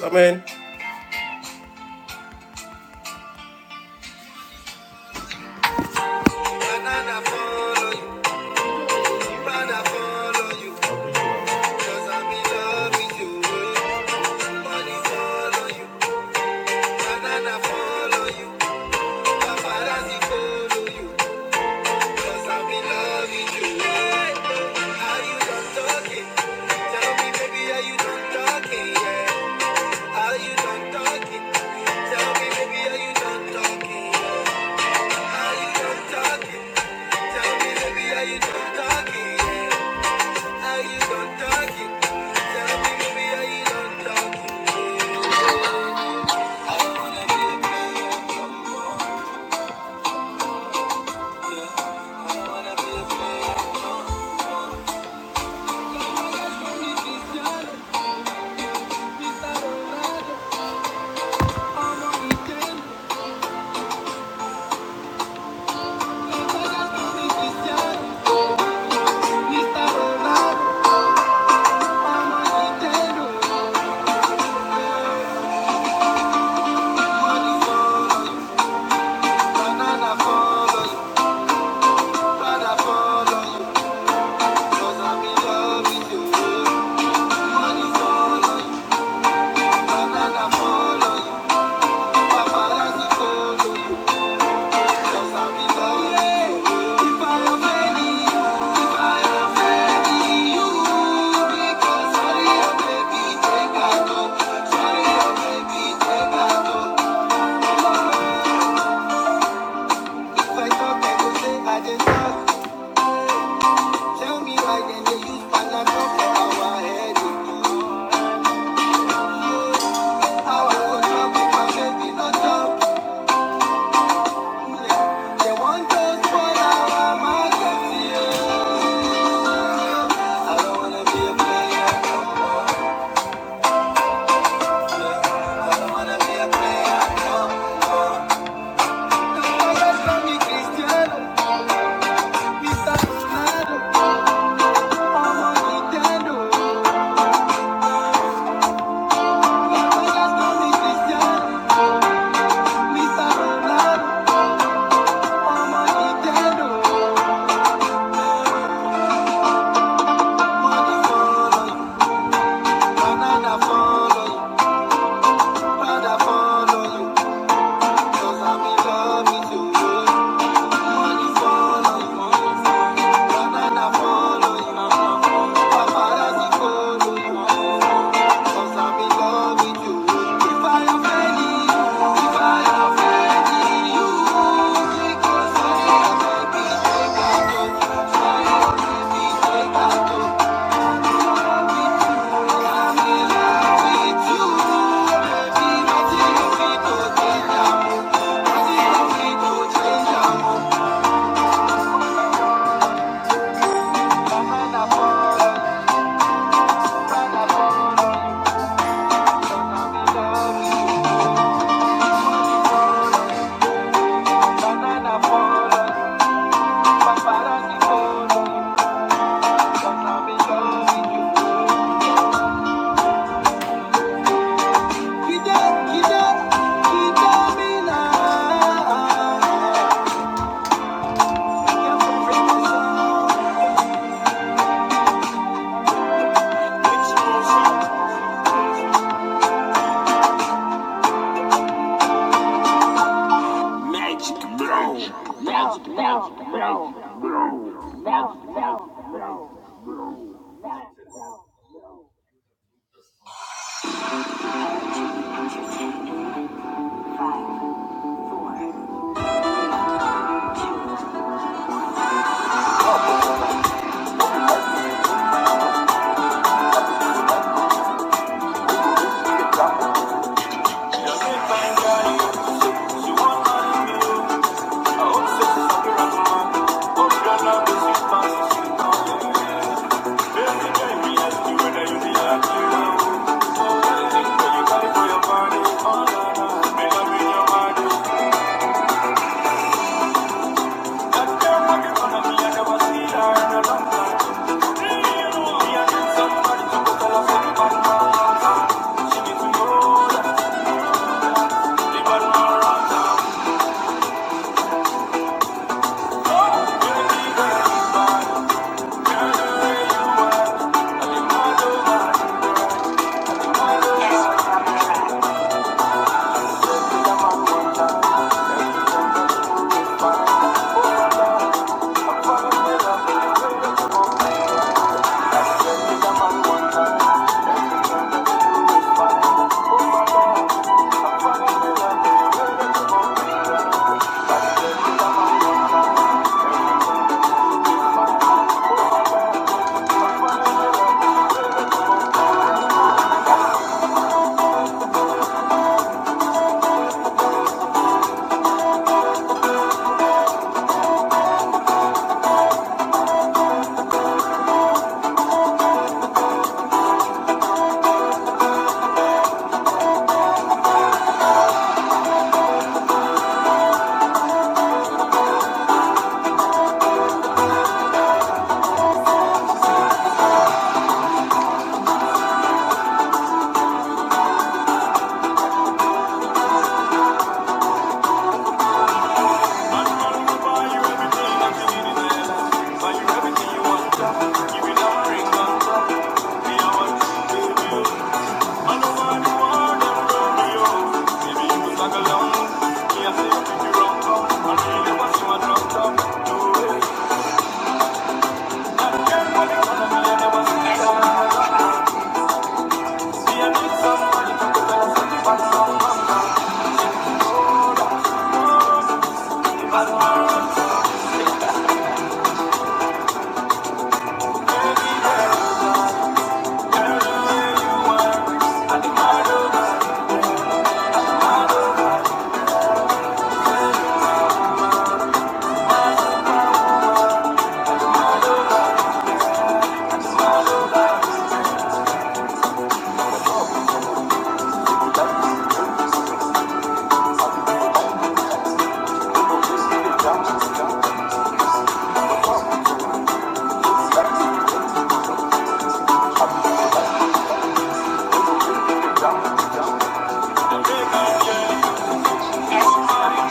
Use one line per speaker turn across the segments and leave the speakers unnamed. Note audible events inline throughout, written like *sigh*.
Amen. Tell How you gon' talk Tell me, baby, how you gon' talk it? Follow you, banana follow you, paparazzi follow you. Tell me why then they use Panadol for our headache. How I go talk with my baby, not talk to them. They want to spoil our market, yeah. I don't wanna be a player. I don't wanna be a player. Follow you, follow you, follow you, cause I'm in love with you. Banana follow you. Magic Blow! Magic Blow! Blow! Thank you.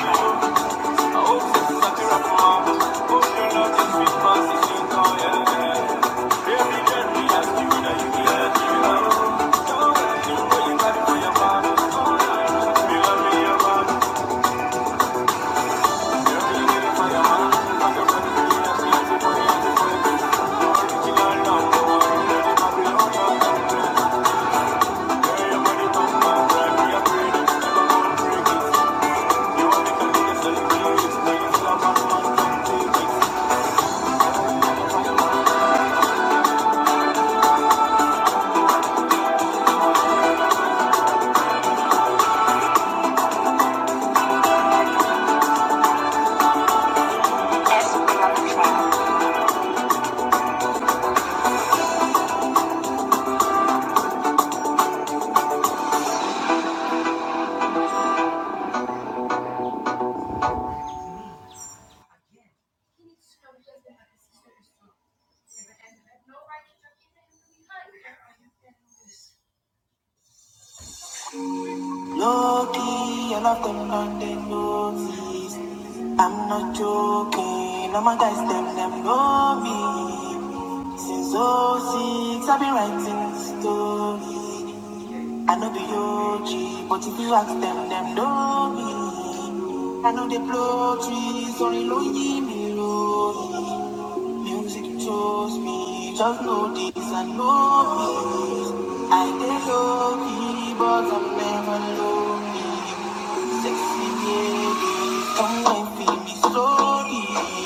Yeah. Yes, we are trying. Okay, now my guys, them, them know me. Since oh i I've been writing story. I know the OG, but if you ask them, them know me. I know they blow trees, only lonely me lonely. Music chose me, just know this and know me. I get lucky, but I'm never lonely. Sexy lady, come and feel me slowly.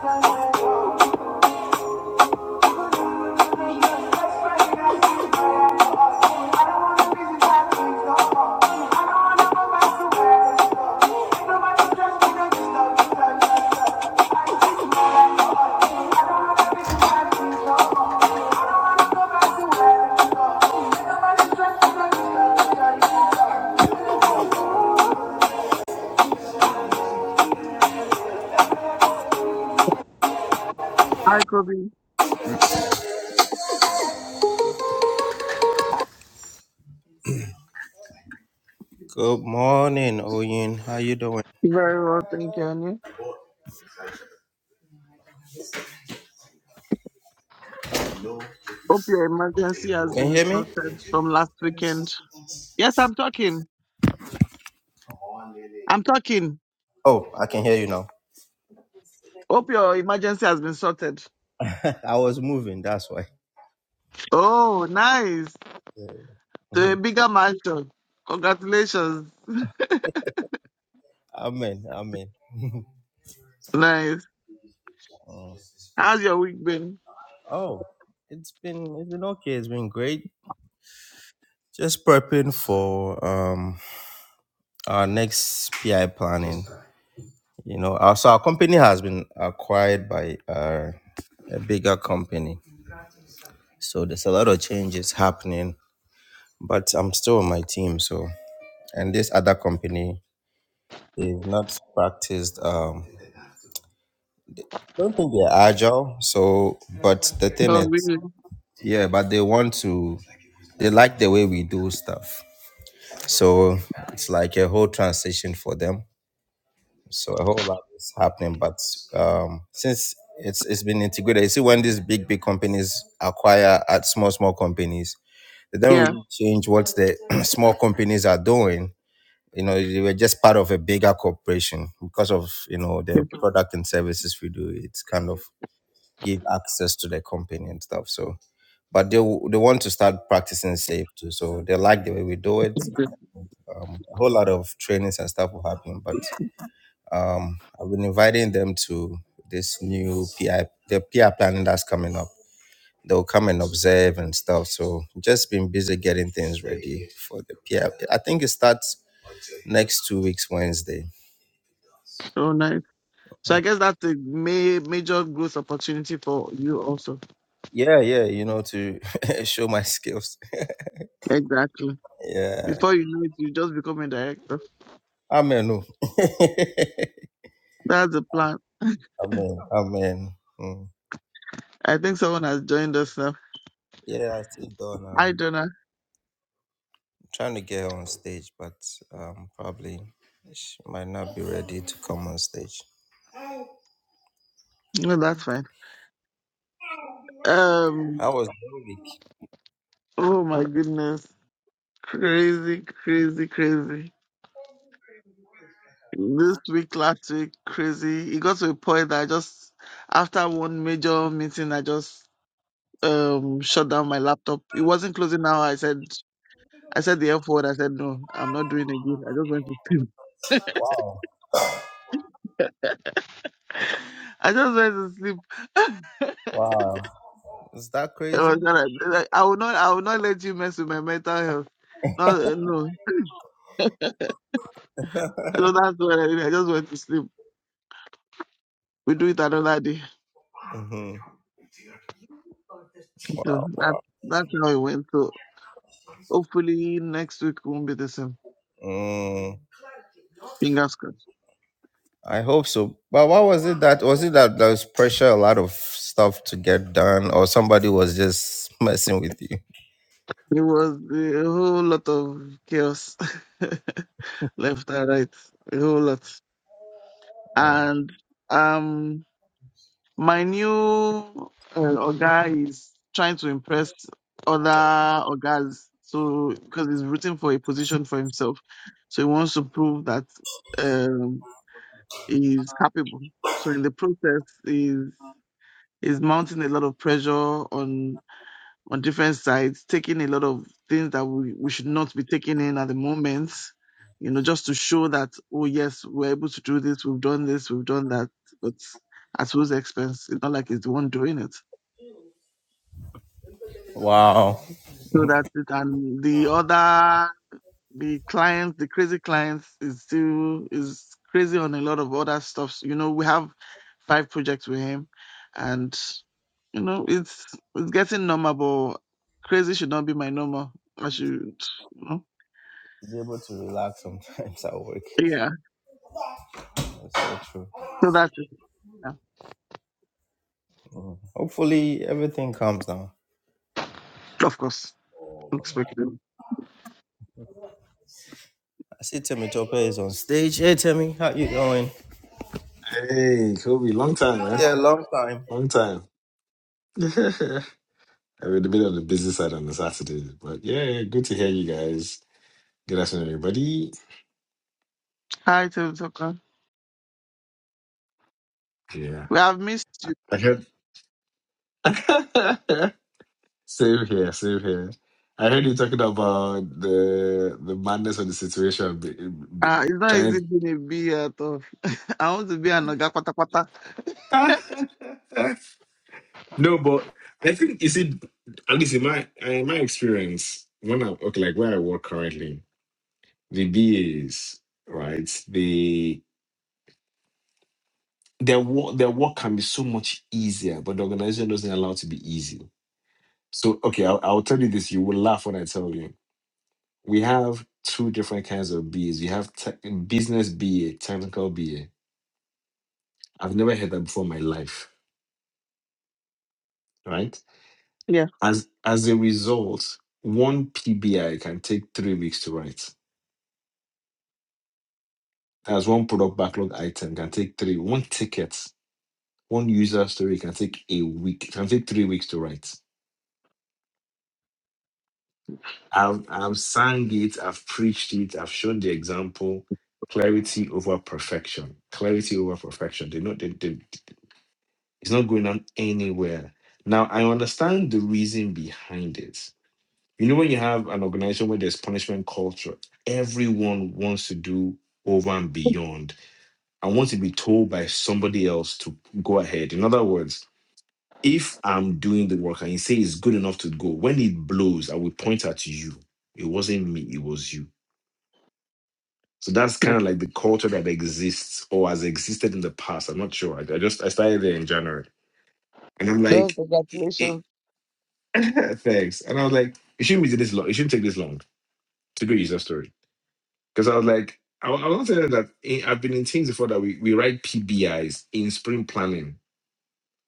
Thank you.
Hi, Kobe. Very well, thank you. And you? Hope your emergency has been sorted from last weekend. Yes, I'm talking. I'm talking. Hope your emergency has been sorted. Oh, nice. To a bigger mansion. Congratulations. *laughs*
Amen. Amen.
Nice. How's your week been?
Oh, it's been it's been okay. It's been great. Just prepping for um our next PI planning. You know, our, so our company has been acquired by uh, a bigger company. So there's a lot of changes happening, but I'm still on my team. So, and this other company is not practiced. Um, I don't think they're agile. So, but the thing
Oh,
is,
really.
yeah, but they want to, they like the way we do stuff. So it's like a whole transition for them. So a whole lot is happening. But um, since it's it's been integrated, you see when these big big companies acquire at small small companies, they don't
Yeah.
really change what the *clears throat* small companies are doing. You know, they were just part of a bigger corporation because of you know the
Yes,
product and services we do. It's kind of give access to the company and stuff. So, but they w- they want to start practicing safe too. So they like the way we do it.
it's been.
Um, a whole lot of trainings and stuff will happen, but. Um, I've been inviting them to this new PI, the PI planning that's coming up. They'll come and observe and stuff. So just been busy getting things ready for the PI. I I think it starts next two weeks Wednesday.
Oh, nice. So I guess that's a ma- major growth opportunity for you also.
Yeah, yeah, you know, to *laughs* show my skills.
Exactly.
Yeah.
Before you know it, you just become a director.
Amen. oh,
That's the plan.
Amen. Amen. Mm.
I think someone has joined us now.
Yeah, I still done. Uh,
I don't know.
trying to get her on stage, but um, probably she might not be ready to come on stage.
No, that's fine. Um.
How was the week?
Oh my goodness. Crazy, crazy, crazy. This week, last week, crazy. It got to a point that I just, after one major meeting, I just um shut down my laptop. It wasn't closing hour. I said, I said the F word. I said no, I'm not doing it again. I just went to sleep.
Wow.
*laughs* I just went to sleep.
Wow. Is that
I
crazy?
was going I will not, I will not let you mess with my mental health. No, no. So that's what I did. I just went to sleep. We do it another day. Yeah, that, that's how it went. So hopefully next week won't be the same.
Mm,
Fingers crossed.
I hope so. But what was it that was it that there was pressure, a lot of stuff to get done, or somebody was just messing with you?
It was a whole lot of chaos *laughs* left and right, a whole lot.
Oh,
And um, my new uh, Oga is trying to impress other Ogas. So because he's rooting for a position for himself, so he wants to prove that um, he's capable. So in the process, is mounting a lot of pressure on on different sides, taking a lot of things that we, we should not be taking in at the moment, you know, just to show that, oh yes, we're able to do this, we've done this, we've done that, but at whose expense? It's not like it's the one doing it.
wow.
So that it, and the other the clients, the crazy clients is still is crazy on a lot of other stuff. You know, we have five projects with him and You know, it's it's getting normal, but crazy should not be my normal. I should, you know.
To be able to relax sometimes *laughs* at work.
Yeah.
That's so true.
So that's it. Yeah.
Hopefully everything calms down.
Of course. Expected.
I see Timmy Topper is on stage. Hey Timmy, how you doing?
Hey, Kobe, long time, man.
Yeah, long time.
Long time. *laughs* I was a bit on the busy side on the Saturday, but yeah, yeah, good to hear you guys. Good afternoon, everybody.
Hi, Tim Tucker.
Yeah.
We have missed you.
I heard. *laughs* same here, same here. I heard you talking about the the madness of the situation, b- b-
Uh, it's not easy
trying.
being a bee at all. *laughs* I want to be an Oga Pata Pata.
*laughs* no, but I think you see, at least in my in my experience, when I okay, like where I work currently, the BAs, right? their work their work can be so much easier, but the organization doesn't allow it to be easy. So okay, I'll, I'll tell you this. You will laugh when I tell you. We have two different kinds of BAs. We have te- business BA, technical BA. I've never heard that before in my life, right?
Yeah.
As as a result, one PBI can take three weeks to write. As one product backlog item can take three. One ticket, one user story can take a week, can take three weeks to write I've I've sang it, I've preached it, I've shown the example. Clarity over perfection. Clarity over perfection. They not they, they, it's not going on anywhere. Now I understand the reason behind it. You know, when you have an organization where there's punishment culture, everyone wants to do over and beyond and wants to be told by somebody else to go ahead. In other words, if I'm doing the work and you say it's good enough to go, when it blows, I will point at you. It wasn't me, it was you So that's kind
*laughs*
of like the culture that exists or has existed in the past. I'm not sure. I, I just I started there in January, and I'm
Hmm. So
like, it,
congratulations.
*laughs* thanks. And I was like, it shouldn't be this long. It shouldn't take this long to go user story. Because I was like, I, I want to say that in, I've been in teams before that we, we write PBIs in sprint planning.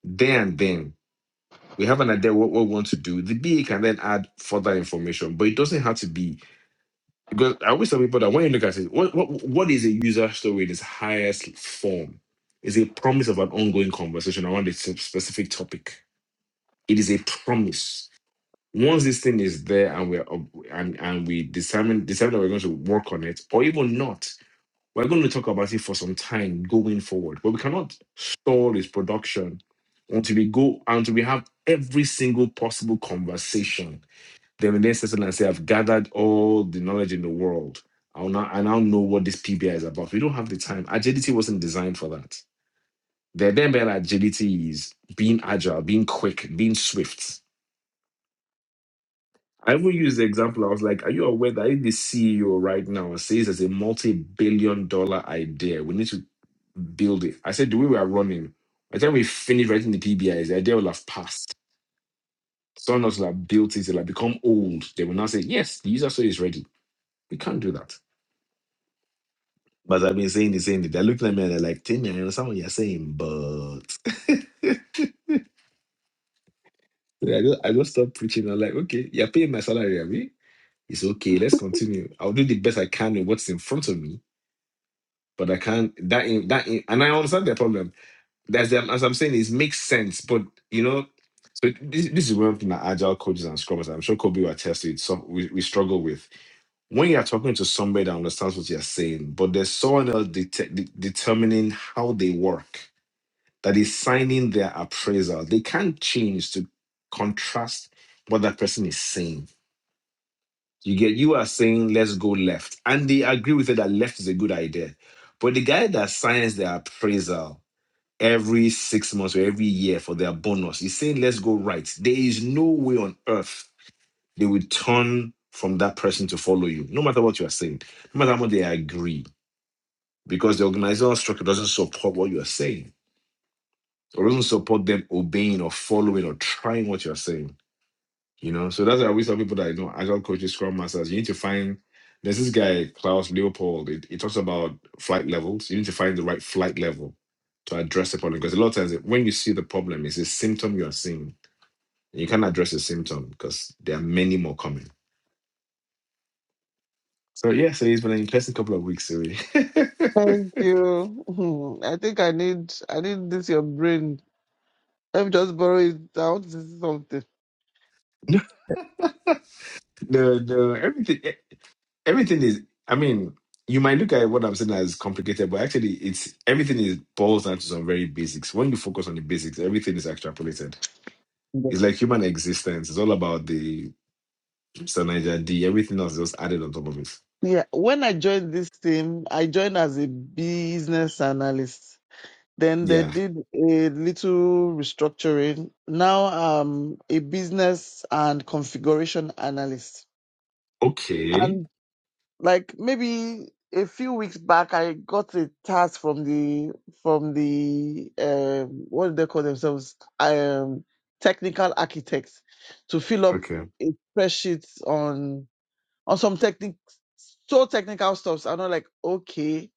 There and then we have an idea what, what we want to do. The BA can then add further information, but it doesn't have to be Because I always tell people that when you look at it, what, what, what is a user story in its highest form? Is a promise of an ongoing conversation around a sp- specific topic. It is a promise. Once this thing is there and we're up- and, and we determine decide that we're going to work on it, or even not, we're going to talk about it for some time going forward. But we cannot stall its production until we go until we have every single possible conversation then the next person I say, I've gathered all the knowledge in the world. I will now, I now know what this PBI is about. We don't have the time. Agility wasn't designed for that. The then better agility is being agile, being quick, being swift. I even used the example. I was like, Are you aware that if the CEO right now says there's a multi billion dollar idea, we need to build it? I said, The way we are running, by the time we finish writing the PBIs, the idea will have passed. Someone else will have built it, it'll have become old. They will now say, Yes, the user story is ready. We can't do that. But I've been saying the same thing. They're looking at me and they're like, Timmy, I understand what you're saying, but *laughs* So I just I just stopped preaching. I'm like, okay, you're paying my salary, I it's okay, let's continue. I'll do the best I can with what's in front of me, but I can't that in, that in, and I understand their problem. That's them as I'm saying, it makes sense, but you know, so this, this is one thing that agile coaches and scrubbers, I'm sure Kobe will attest to it, some we, we struggle with. When you're talking to somebody that understands what you're saying, but there's someone else det- determining how they work that is signing their appraisal. They can't change to contrast what that person is saying. You get you are saying let's go left, and they agree with it that left is a good idea. But the guy that signs their appraisal every six months or every year for their bonus is saying let's go right. There is no way on earth they will turn from that person to follow you, no matter what you are saying, no matter how much they agree, because the organizational structure doesn't support what you are saying. or doesn't support them obeying or following or trying what you're saying. You know, so that's why we tell people that you know agile coaches, scrum masters, you need to find. There's this guy Klaus Leopold. It, it talks about flight levels. You need to find the right flight level to address the problem because a lot of times when you see the problem, it's a symptom you are seeing. And you can't address the symptom because there are many more coming. So yeah, so it's been an interesting couple of weeks. Really. *laughs*
Thank you. *laughs* Hmm. I think I need I need this your brain. Let me just borrow it. I want to see something.
no, no, no, everything. everything is i mean you might look at what i'm saying as complicated but actually it's everything is boils down to some very basics when you focus on the basics everything is extrapolated it's like human existence it's all about the Sanaja d everything else is just added on top of it
Yeah, when I joined this team, I joined as a business analyst. Then they
yeah
did a little restructuring. Now I'm a business and configuration analyst.
okay
And like maybe a few weeks back, I got a task from the from the um, what do they call themselves? Um, technical architects to fill up
okay
a spreadsheet on on some technique so technical stuffs are not like okay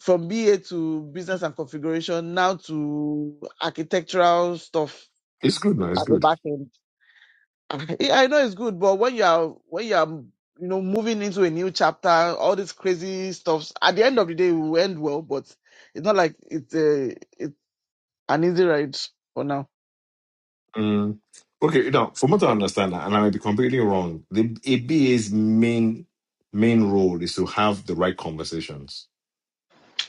from ba to business and configuration now to architectural stuff
it's good now it's
at the
good
back end *laughs* i I know it's good but when you are when you are you know moving into a new chapter all these crazy stuffs at the end of the day it will end well but it's not like it's a it's an easy ride for now
mm. okay now from what i understand and i might be completely wrong the aba's main main role is to have the right conversations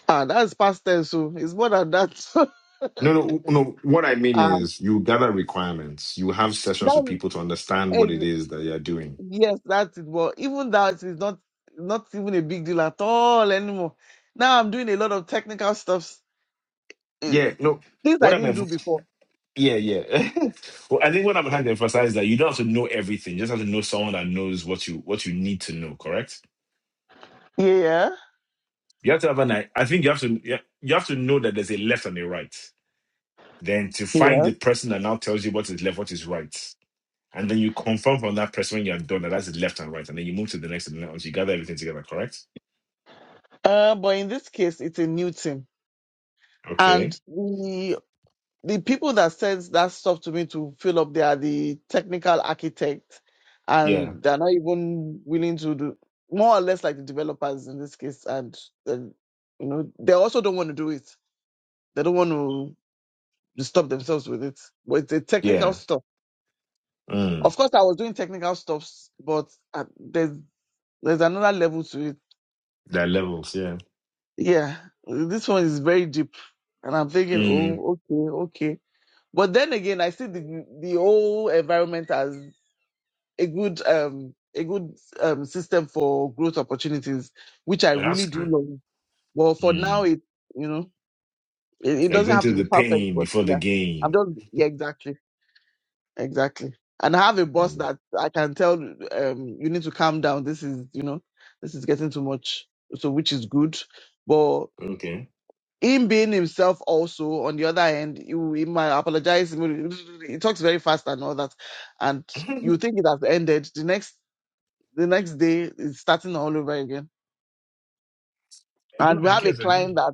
ah that's past tense so it's more than that
No, no, no. What I
*laughs*
mean
ah
is, you gather requirements. You have sessions with
that's
people to understand
eh,
what it is that you're doing.
Yes, that's it. But even that is not not even a big deal at all anymore. Now I'm doing a lot of technical stuff, things
Yeah, no.
I
What I'm,
didn't do
ev-
before.
yeah, yeah. *laughs* well, I think what I'm trying to emphasize is that you don't have to know everything. You just have to know someone that knows what you what you need to know. Correct?
Yeah,
You have to have an. I I think you have to. yeah, You have to know that there's a left and a right. Then to find
yeah.
the person that now tells you what is left, what is right, and then you confirm from that person when you're done that that's the left and right, and then you move to the next and the next. You gather everything together. Correct?
Uh, but in this case, it's a new team, and
Okay.
the the people that sends that stuff to me to fill up, they are the technical architect,
Yeah.
and they're not even willing to do more or less like the developers in this case, and, and you know they also don't want to do it. They don't want to. to stop themselves with it. But it's a
Yeah.
technical stuff.
Mm,
Of course, I was doing technical stuffs, but uh, there's there's another level to it.
that levels, yeah.
Yeah, this one is very deep, and I'm thinking,
Mm,
oh, okay, okay. But then again, I see the the whole environment as a good um a good um system for growth opportunities, which I
oh, that's
really do
good.
love. But for now,
Mm,
it you know it, it
like
doesn't
going
have
through
to be
the
perfect,
pain
but
before the
yeah, I'm
game.
just yeah exactly. Exactly. And I have a boss
Mm,
that I can tell, um, you need to calm down. This is, you know, this is getting too much. So, which is good. But
okay.
him being himself also, on the other hand, you, he might apologize. He will- he talks very fast and all that. And
*laughs*
you
no,
think it has ended. The next, the next day is starting all over again. And we
I
have a
guess I guess.
client that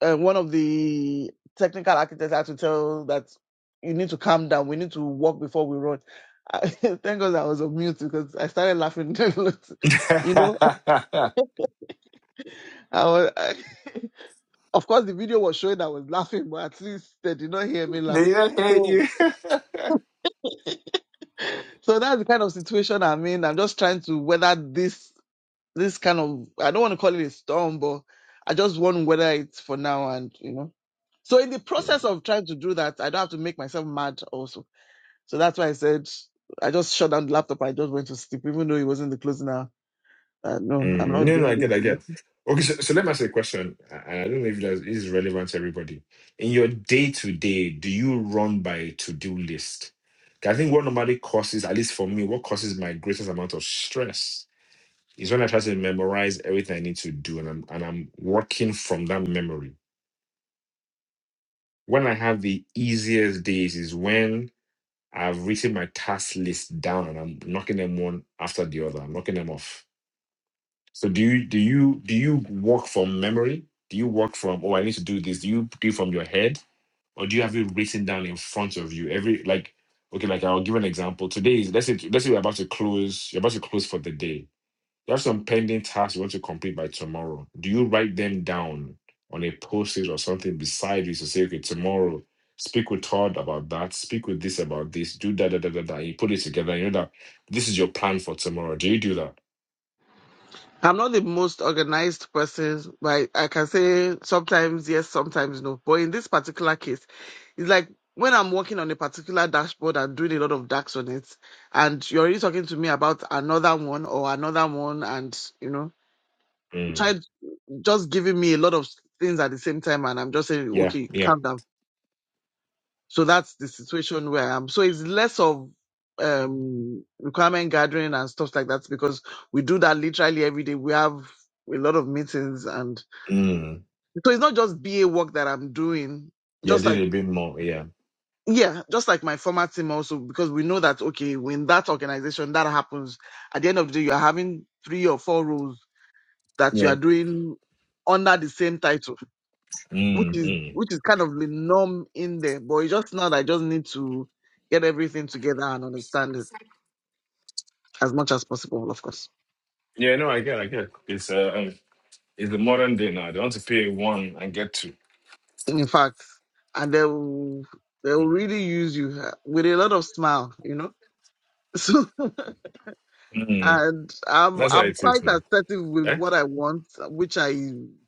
uh, one of the technical architects had to tell that you need to calm down. We need to walk before we run. I, *laughs* thank God I was on mute because I started laughing. *laughs* you know,
*laughs*
I was, *laughs* I, of course the video was showing I was laughing, but at least they did not hear me laugh.
they don't hear
So,
you. *laughs*
so that's the kind of situation I'm in. I'm just trying to weather this this kind of I don't want to call it a storm, but I just want to weather it for now. And you know, so in the process
Mm,
of trying to do that, I don't have to make myself mad also So that's why I said I just shut down the laptop. I just went to sleep, even though it wasn't the closing hour. Uh, no, I'm
mm,
not
no, no,
doing
I get, I
this again.
get. Okay, so, so let me ask you a question, and I don't know if that is relevant to everybody. In your day to day, do you run by a to do list? 'Cause I think what normally causes, at least for me, what causes my greatest amount of stress It's when I try to memorize everything I need to do, and I'm and I'm working from that memory. When I have the easiest days is when I've written my task list down and I'm knocking them one after the other. I'm knocking them off. So do you do you do you work from memory? Do you work from oh I need to do this? Do you do it from your head, or do you have it written down in front of you? Every like okay, like I'll give an example. Today is let's say let's say we're about to close. You're about to close for the day You have some pending tasks you want to complete by tomorrow. Do you write them down on a post-it or something beside you to say, okay, tomorrow, speak with Todd about that, speak with this about this, do that, da, da, da, da. You put it together, you know that this is your plan for tomorrow. Do you do that?
I'm not the most organized person, but I, I can say sometimes yes, sometimes no. But in this particular case, it's like when I'm working on a particular dashboard and doing a lot of DAX on it, and you're already talking to me about another one or another one, and you know, try
Mm.
just giving me a lot of things at the same time, and I'm just saying,
Yeah,
okay,
yeah.
calm down So that's the situation where I am. So it's less of um, requirement gathering and stuff like that because we do that literally every day. We have a lot of meetings and
Mm.
so it's not just BA work that I'm doing,
Yeah, I
just
did
like
a bit more. Yeah.
yeah, just like my former team also, because we know that okay, when that organization that happens, at the end of the day, you are having three or four roles that you
Yeah.
are doing under the same title. which
Mm,
is
mm.
which is kind of the norm in there. But it's just now that I just need to get everything together and understand this as much as possible, of course.
Yeah, no, I get I get. It's uh um, it's the modern day now. They want to pay one and get two.
In fact, and they will they will
Mm.
really use you uh, with a lot of smile, you know. *laughs* So
Mm.
and I'm
That's how
I'm
it
quite
is now.
assertive with
Eh?
what I want, which I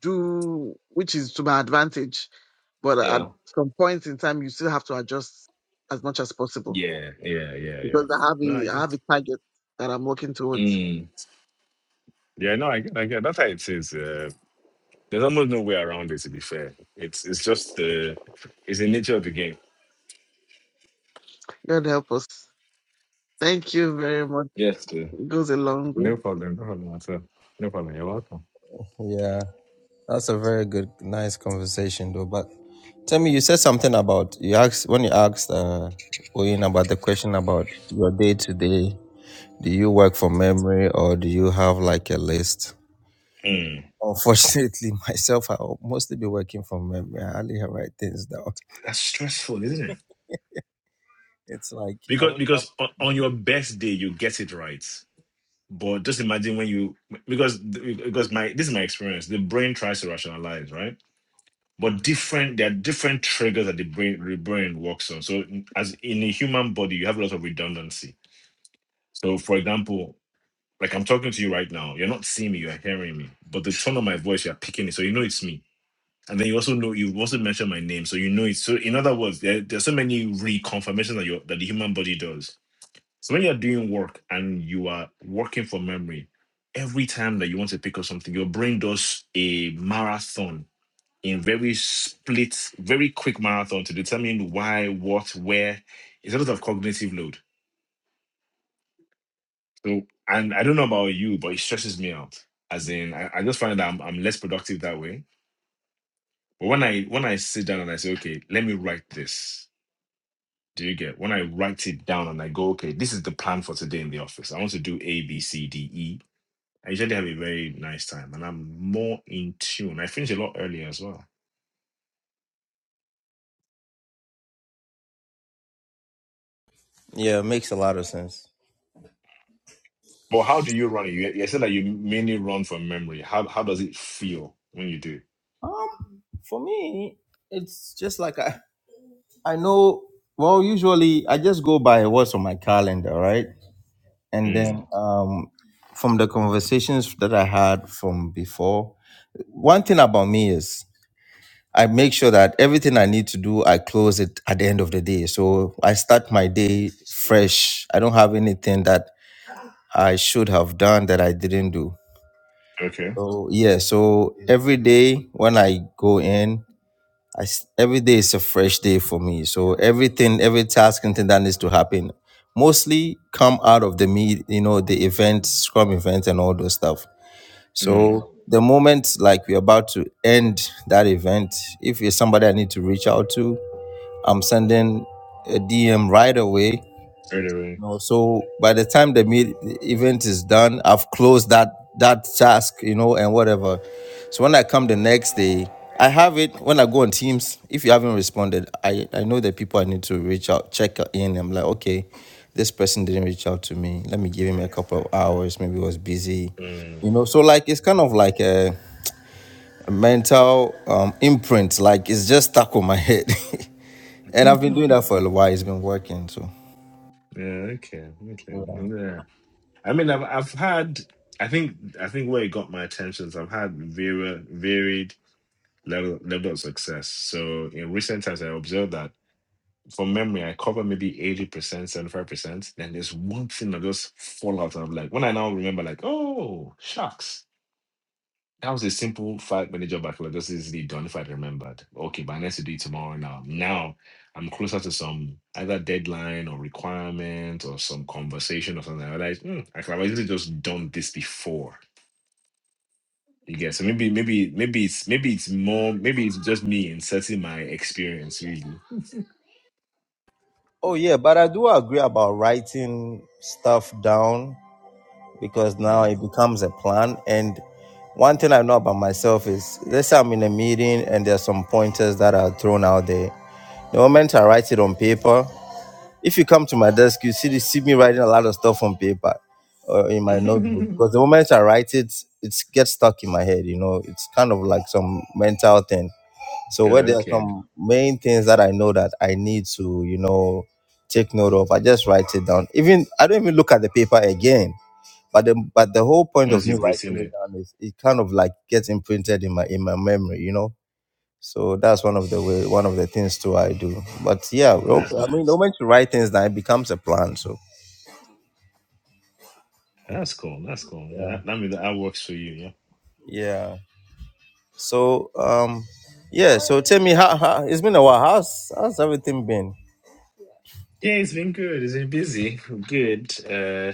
do, which is to my advantage. But at
Yeah.
some point in time, you still have to adjust as much as possible
Yeah, yeah, yeah, yeah.
because I have
No, I
a I have
get.
a target that I'm working towards.
Mm. Yeah, no, I get, I get. That's how it is. Uh, there's almost no way around it. To be fair, it's it's just uh, it's the nature of the game.
God help us. Thank you very much.
Yes, too.
It goes a long way.
No problem. No problem at all. No problem. You're welcome.
Yeah. That's a very good, nice conversation, though. But tell me, you said something about you asked when you asked uh, Oyin about the question about your day to day. Do you work from memory or do you have like a list?
Mm.
Unfortunately, *laughs* myself, I'll mostly be working from memory. I hardly write things down. *laughs*
That's stressful, isn't it?
It's like I
Because
wake up.
because on, on your best day you get it right, but just imagine when you because because my this is my experience. The brain tries to rationalize, right? but different there are different triggers that the brain the brain works on so in- as in a human body you have a lot of redundancy so for example like i'm talking to you right now you're not seeing me you're hearing me but the tone of my voice you're picking it so you know it's me and then you also know you also mentioned my name so you know it's so in other words there, there's so many reconfirmations that you that the human body does so when you're doing work and you are working from memory every time that you want to pick up something your brain does a marathon in very split, very quick marathon to determine why, what, where. It's a lot of cognitive load. So, and I don't know about you, but it stresses me out. As in, I, I just find that I'm, I'm less productive that way. But when I when I sit down and I say, okay, let me write this. Do you get when I write it down and I go, okay, this is the plan for today in the office. I want to do A, B, C, D, E. I usually have a very nice time and I'm more in tune. I finish a lot earlier as well
Yeah, it makes a lot of sense.
But how do you run it? You, you said that you mainly run from memory. How how does it feel when you do?
For me, it's just like I, I know. Well, usually I just go by what's on my calendar, right? And then
Mm,
um, from the conversations that I had from before, one thing about me is I make sure that everything I need to do, I close it at the end of the day. So I start my day fresh. I don't have anything that I should have done that I didn't do.
okay.
So yeah, so every day when I go in, I s every day is a fresh day for me. So everything, every task, and thing that needs to happen, mostly come out of the meet, you know, the event, scrum events, and all those stuff.
Mm,
So the moment like we're about to end that event, if it's somebody I need to reach out to, I'm sending a DM right away
right away.
know, so by the time the meet, the event is done, I've closed that that task, you know, and whatever. So when I come the next day, I have it. When I go on Teams, if you haven't responded, I I know the people I need to reach out, check in. I'm like, okay, this person didn't reach out to me. Let me give him a couple of hours. Maybe he was busy,
Mm.
you know. So like, it's kind of like a, a mental um, imprint. Like it's just stuck on my head, *laughs* and I've been doing
*laughs*
that for a while. It's been working, so.
yeah. Okay. Okay. Yeah. I mean, I've I've had. I think I think where it got my attention is I've had varied varied level level of success. So in recent times, I observed that from memory, I cover maybe eighty percent, seventy five percent. Then there's one thing that just fall out, and I'm like, when I now remember, like, oh shucks That was a simple five minute job. I could have just easily done if I'd remembered. Okay, but I need to do it tomorrow now. Now I'm closer to some either deadline or requirement or some conversation or something. I realized hmm, I could have easily just done this before. You get so maybe maybe maybe it's maybe it's more maybe it's just me inserting my experience really.
Oh yeah, but I do agree about writing stuff down because now it becomes a plan. And one thing I know about myself is let's say I'm in a meeting and there's some pointers that are thrown out there. The moment I write it on paper, if you come to my desk, you see see me writing a lot of stuff on paper or in my notebook.
Mm.
Because
*laughs*
the moment I write it, it gets stuck in my head. You know, it's kind of like some mental thing. So
Yeah,
where there are
okay.
some main things that I know that I need to, you know, take note of, I just write it down. Even I don't even look at the paper again. But the but the whole point of
Once
me
you've written
writing it
it,
down is it kind of like gets imprinted in my in my memory, you know. So that's one of the way one of the things too I do. But yeah, well,
that's
I mean, the
nice.
moment you write things down, it becomes a plan. So
That's cool. That's cool. Yeah, that, that means that works for you. Yeah.
yeah. So um, yeah. So tell me how, how it's been a while. How's how's everything been?
Yeah, it's been good. It's been busy. Good. Uh,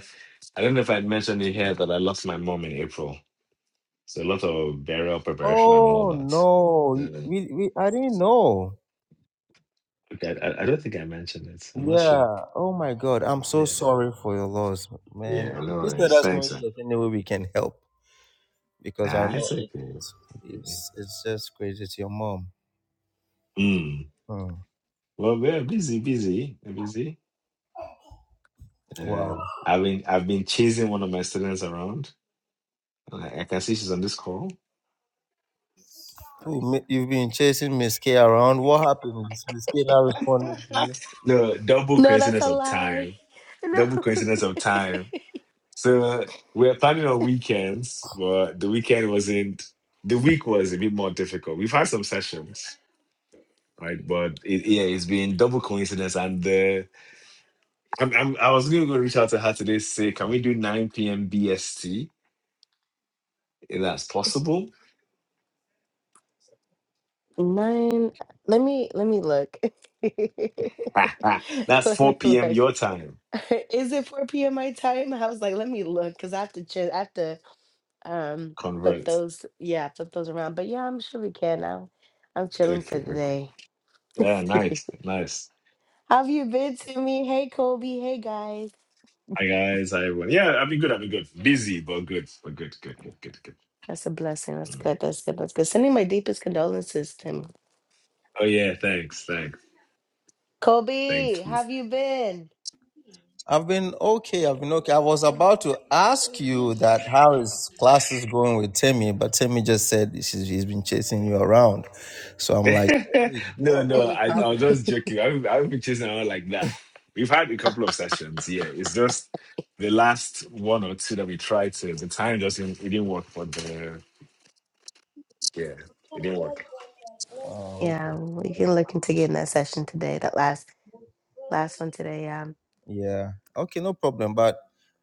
I don't know if I'd mentioned it here that I lost my mom in April. So a lot of burial preparation and all
Oh
that.
no,
Yeah.
we, we I didn't know.
Okay, I, I I don't think I mentioned it. I'm not sure.
Yeah. Oh my God. I'm so
Yeah.
sorry for your loss, man.
Yeah, no
Just let
worries.
us know if
Thanks. Man.
there's any way we can help because I
Nah,
know
it's
it,
okay.
it's
okay.
it's it's just crazy. It's your mom.
Mm.
Hmm.
Well, we're busy, busy, we're busy. Uh,
Wow.
I've been I've been chasing one of my students around. I, I can see she's on this call.
Ooh, mi- you've been chasing Miss K around. What happened? Is Miss K now responding to
*laughs*
you?
no, double
No, that's
coincidence
a
of
lie. *laughs*
time.
No.
Double coincidence of time. So we were planning on weekends, but the weekend wasn't. The week was a bit more difficult. We've had some sessions, right? But it, yeah, it's been double coincidence. And uh, I'm, I'm, I was going to go reach out to her today. Say, can we do 9 p.m. BST? If that's possible,
Nine. Let me let me look. *laughs* let
*laughs* that's
me
4
look.
p.m. your time.
*laughs* Is it 4 p.m. my time? I was like, let me look because I have to ch- I have to um put
Convert.
those yeah, put those around. But yeah, I'm sure we can now. I'm chilling
Okay,
for the
okay.
day.
Yeah,
*laughs*
nice, nice.
How have you been to me? Hey Kobe. Hey guys.
Hi guys, hi everyone. Yeah, I've been good. I've been good. Busy, but good. But good, good, good, good, good.
That's a blessing. That's
Mm.
good. That's good. That's good. Sending my deepest condolences to him.
Oh yeah, thanks, thanks, thank
Kobe,
you.
how have you been?
I've been okay. I've been okay. I was about to ask you that how is classes going with Timmy, but Timmy just said she's, she's been chasing you around. So I'm like, hey,
*laughs* no,
what, what
no,
is
I, I was
happening?
*laughs*
just joking. I've, I've been chasing around like that. We've had a couple of sessions, yeah. It's just the last one or two that we tried to, the time just didn't, it didn't work for the, yeah, it didn't work.
Oh,
Yeah, we can look into getting that session today. That last last one today. Um.
Yeah. Okay, no problem. But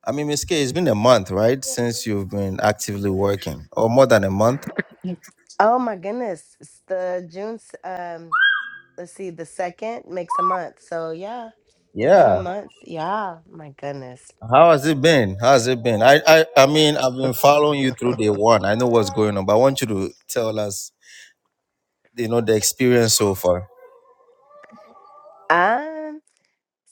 I mean, Miss K, it's been a month, right, since you've been actively working, or more than a month.
Yep. Oh my goodness, it's the June. s- Um. Let's see, the second makes a month. So yeah, it's been a
Yeah.
month. Yeah. My goodness.
How has it been? How has it been? I, I, I mean, I've been following you through day one. I know what's going on, but I want you to tell us, you know, the experience so far.
Um.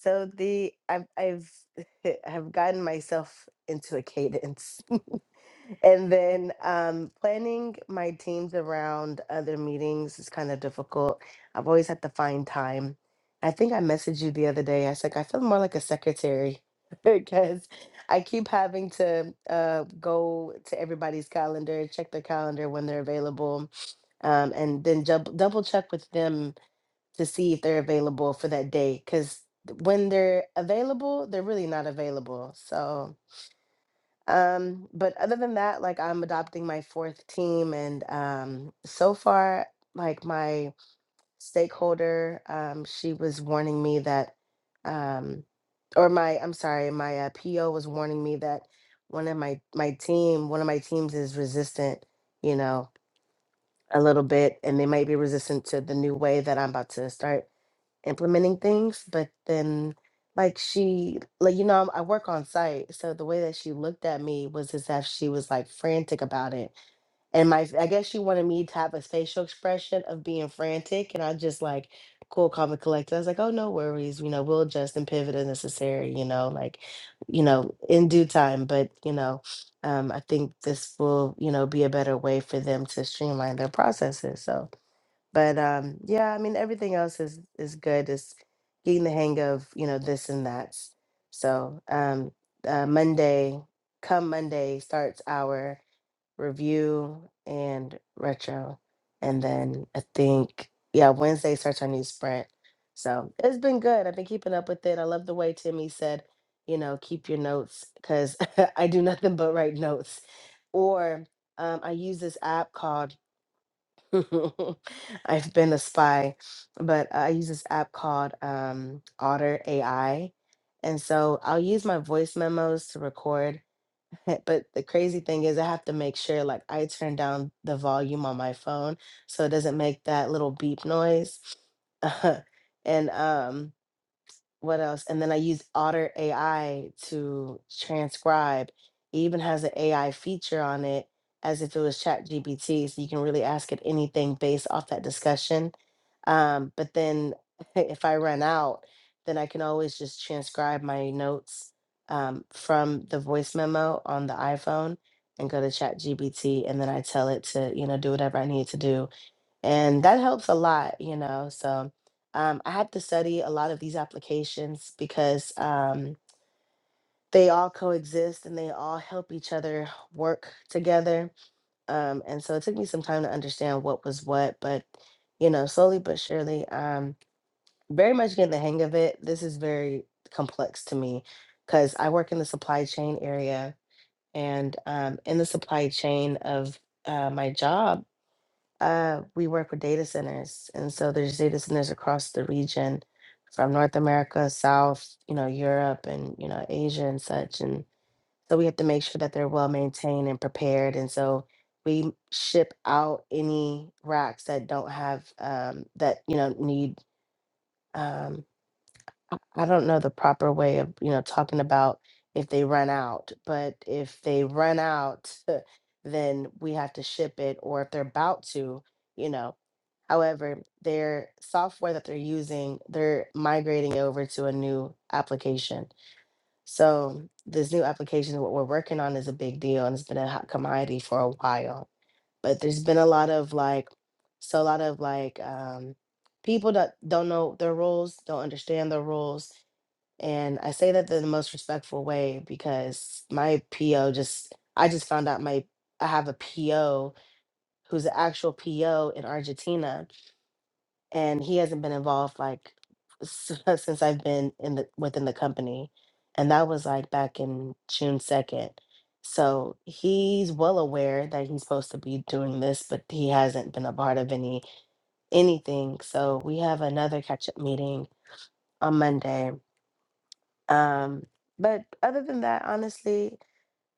So the I've I've *laughs* I've gotten myself into a cadence. *laughs* and then um, planning my teams around other meetings is kind of difficult. I've always had to find time. I think I messaged you the other day. I was like, I feel more like a secretary *laughs* because I keep having to uh, go to everybody's calendar, check their calendar when they're available, um, and then jub- double check with them to see if they're available for that day. Because when they're available, they're really not available. So. Um, but other than that, like I'm adopting my fourth team, and um, so far, like my stakeholder, um, she was warning me that, um, or my, I'm sorry, my uh, PO was warning me that one of my my team, one of my teams is resistant, you know, a little bit, and they might be resistant to the new way that I'm about to start implementing things but then like she like you know I'm, i work on site so the way that she looked at me was as if she was like frantic about it and my i guess she wanted me to have a facial expression of being frantic and i just like cool calm and collected i was like oh no worries you know we'll adjust and pivot as necessary you know like you know in due time but you know um i think this will you know be a better way for them to streamline their processes so but um yeah i mean everything else is is good it's getting the hang of you know this and that so um uh, monday come monday starts our review and retro and then i think yeah wednesday starts our new sprint so it's been good i've been keeping up with it i love the way timmy said you know keep your notes because *laughs* i do nothing but write notes or um, i use this app called *laughs* I've been a spy, but I use this app called um, Otter AI. And so I'll use my voice memos to record. *laughs* But the crazy thing is, I have to make sure like I turn down the volume on my phone so it doesn't make that little beep noise. *laughs* and um, what else? And then I use Otter AI to transcribe. It even has an AI feature on it as if it was Chat GPT. So you can really ask it anything based off that discussion. Um, but then *laughs* if I run out, then I can always just transcribe my notes um, from the voice memo on the iPhone and go to Chat GBT and then I tell it to, you know, do whatever I need to do and that helps a lot you know so um, i had to study a lot of these applications because um, they all coexist and they all help each other work together um, and so it took me some time to understand what was what but you know slowly but surely um, very much getting the hang of it this is very complex to me because i work in the supply chain area and um, in the supply chain of uh, my job uh, we work with data centers, and so there's data centers across the region, from North America, South, you know, Europe, and you know, Asia and such. And so we have to make sure that they're well maintained and prepared. And so we ship out any racks that don't have um, that you know need. Um, I I don't know the proper way of you know talking about if they run out, but if they run out, *laughs* then we have to ship it, or if they're about to. You know, However, their software that they're using, they're migrating over to a new application. So this new application, what we're working on, is a big deal, and it's been a hot commodity for a while. But there's been a lot of like, so a lot of like um, people that don't know their roles, don't understand their roles, and I say that in the most respectful way because my PO just, I just found out my I have a PO who's an actual PO in Argentina and he hasn't been involved like s- *laughs* since I've been in the within the company, and that was like back in June second. So he's well aware that he's supposed to be doing this, but he hasn't been a part of any anything. So we have another catch up meeting on Monday. Um, but other than that, honestly,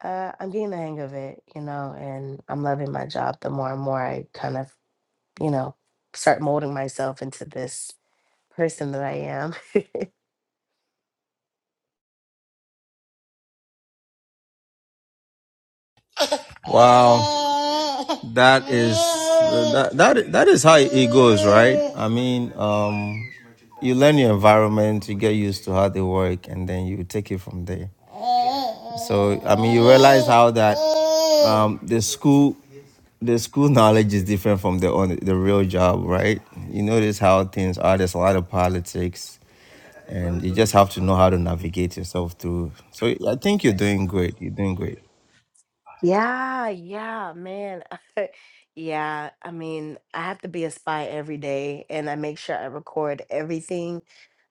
uh, I'm getting the hang of it, you know, and I'm loving my job. The more and more I kind of, you know, start molding myself into this person that I am. *laughs*
Wow, that is that that, that is how it goes, right? I mean, um, you learn your environment, you get used to how they work, and then you take it from there. So I mean, you realize how that um, the school the school knowledge is different from the on the real job, right? You notice how things are. There's a lot of politics, and you just have to know how to navigate yourself through. So I think you're doing great. You're doing great.
yeah, yeah, man. *laughs* yeah, I mean, I have to be a spy every day and I make sure I record everything